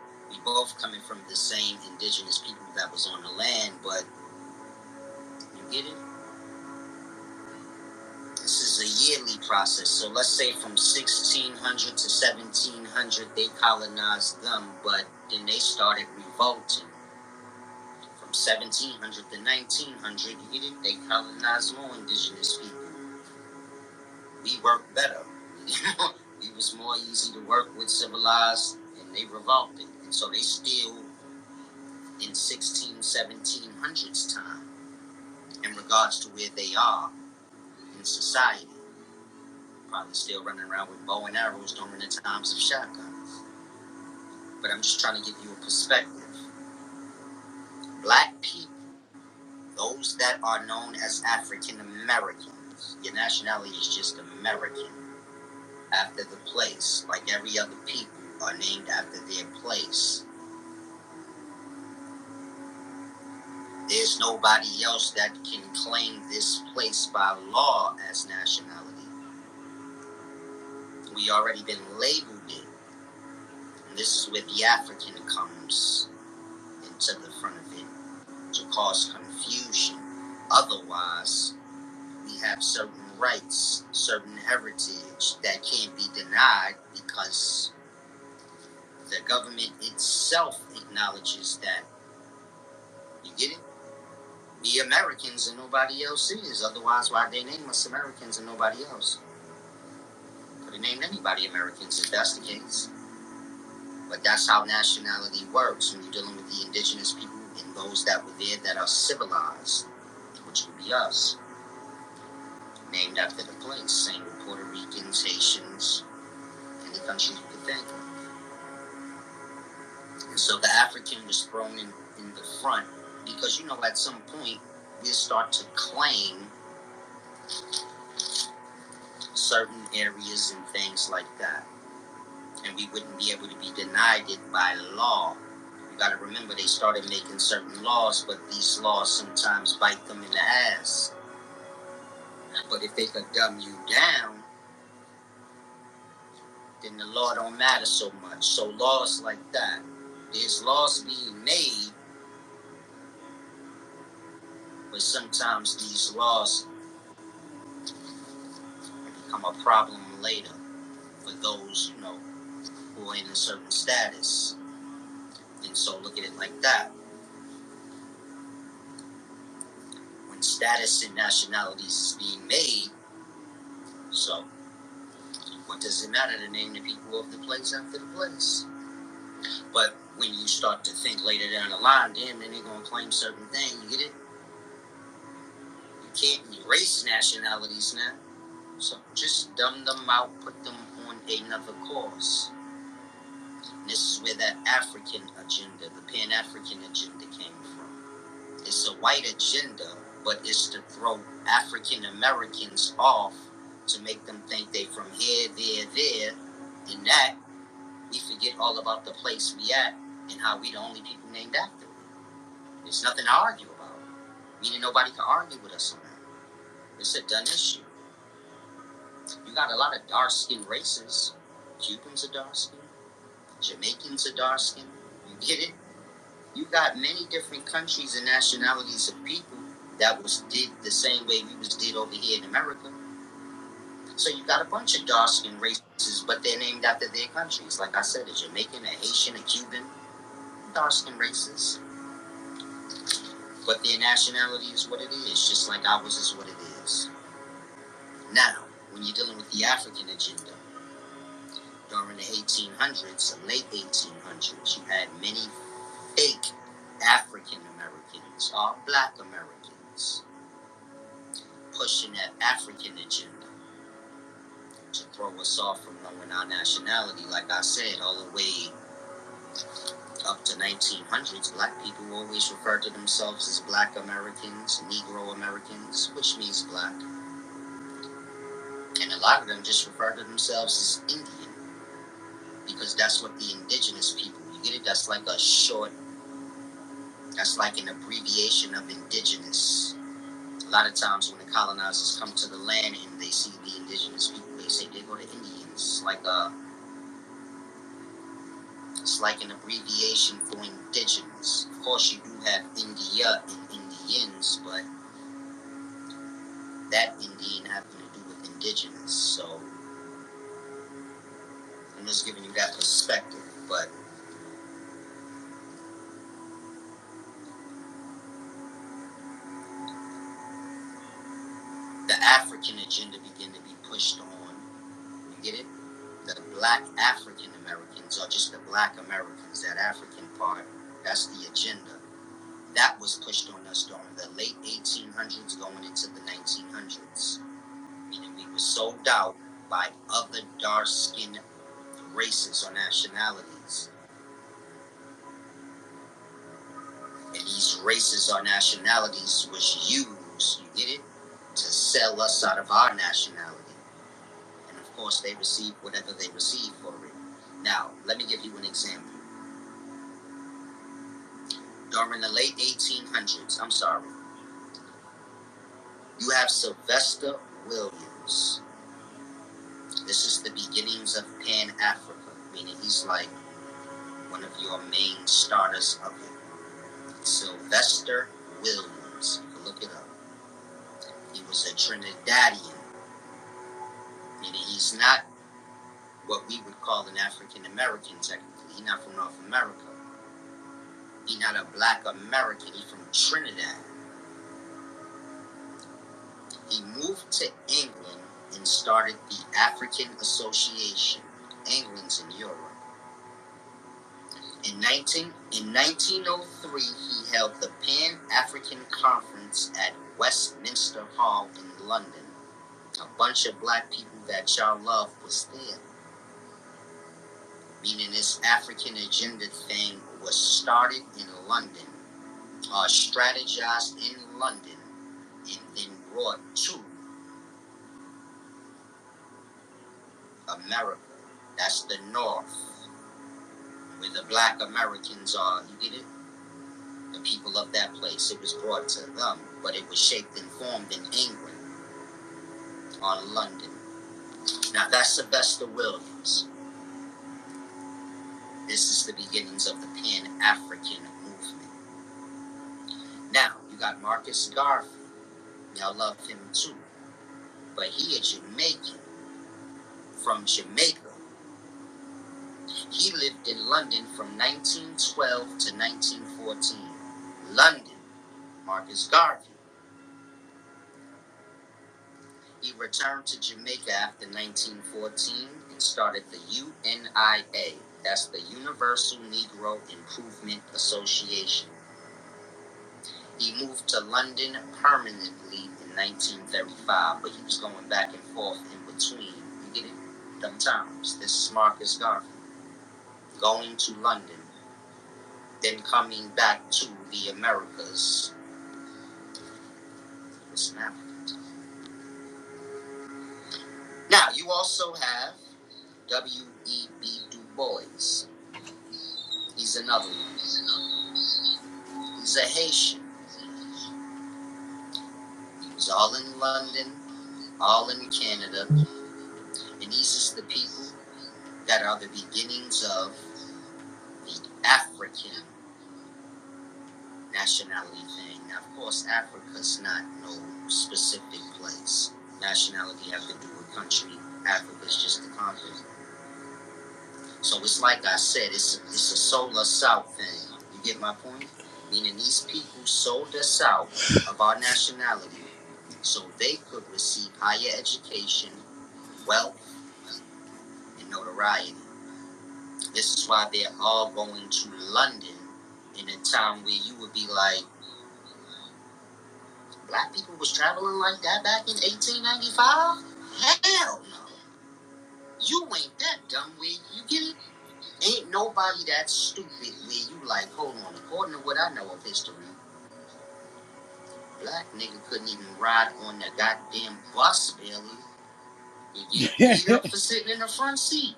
Speaker 6: You, you up for sitting in the front seat.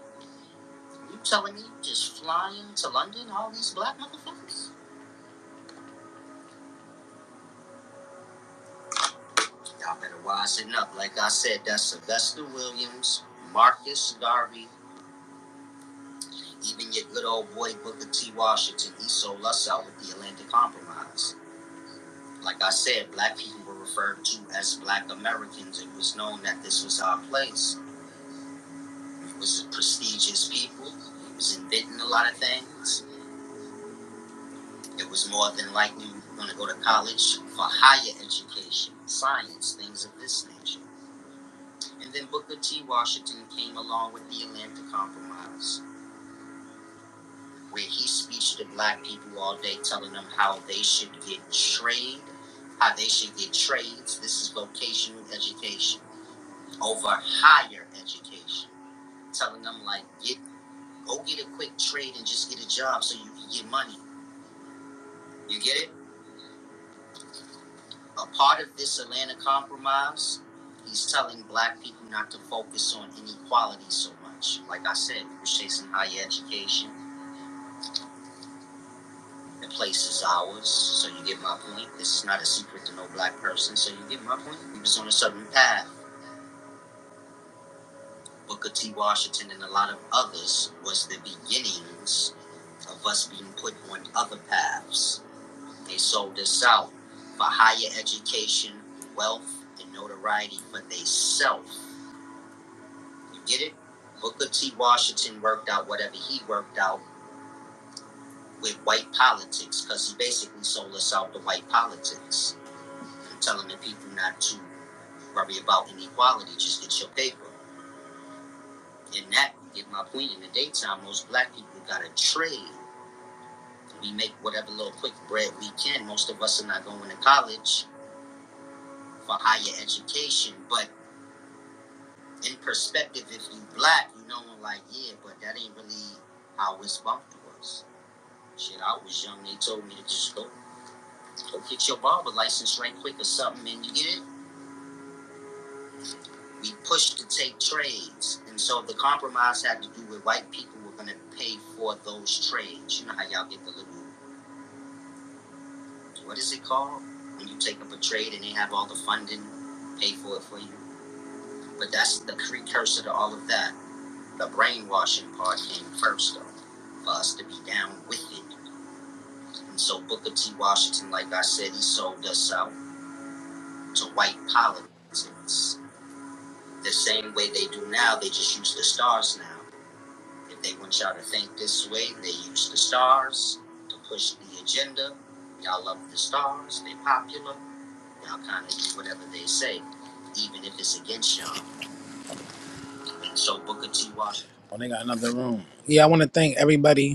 Speaker 6: Oh, they got another room. Yeah, I want to thank everybody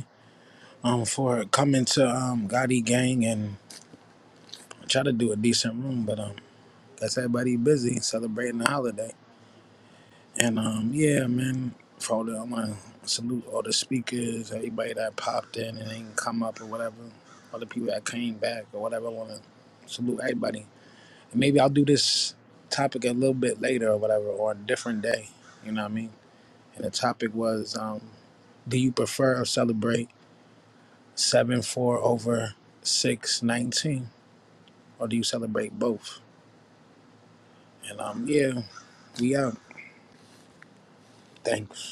Speaker 6: um for coming to um Gotti Gang and I try to do a decent room, but um guess everybody busy celebrating the holiday. And um yeah, man, for all the I wanna salute all the speakers, everybody that popped in and didn't come up or whatever, all the people that came back or whatever, I wanna salute everybody. And maybe I'll do this topic a little bit later or whatever, or a different day. You know what I mean? And the topic was um do you prefer or celebrate seven four over six nineteen? or do you celebrate both? And um, yeah, we out. Thanks.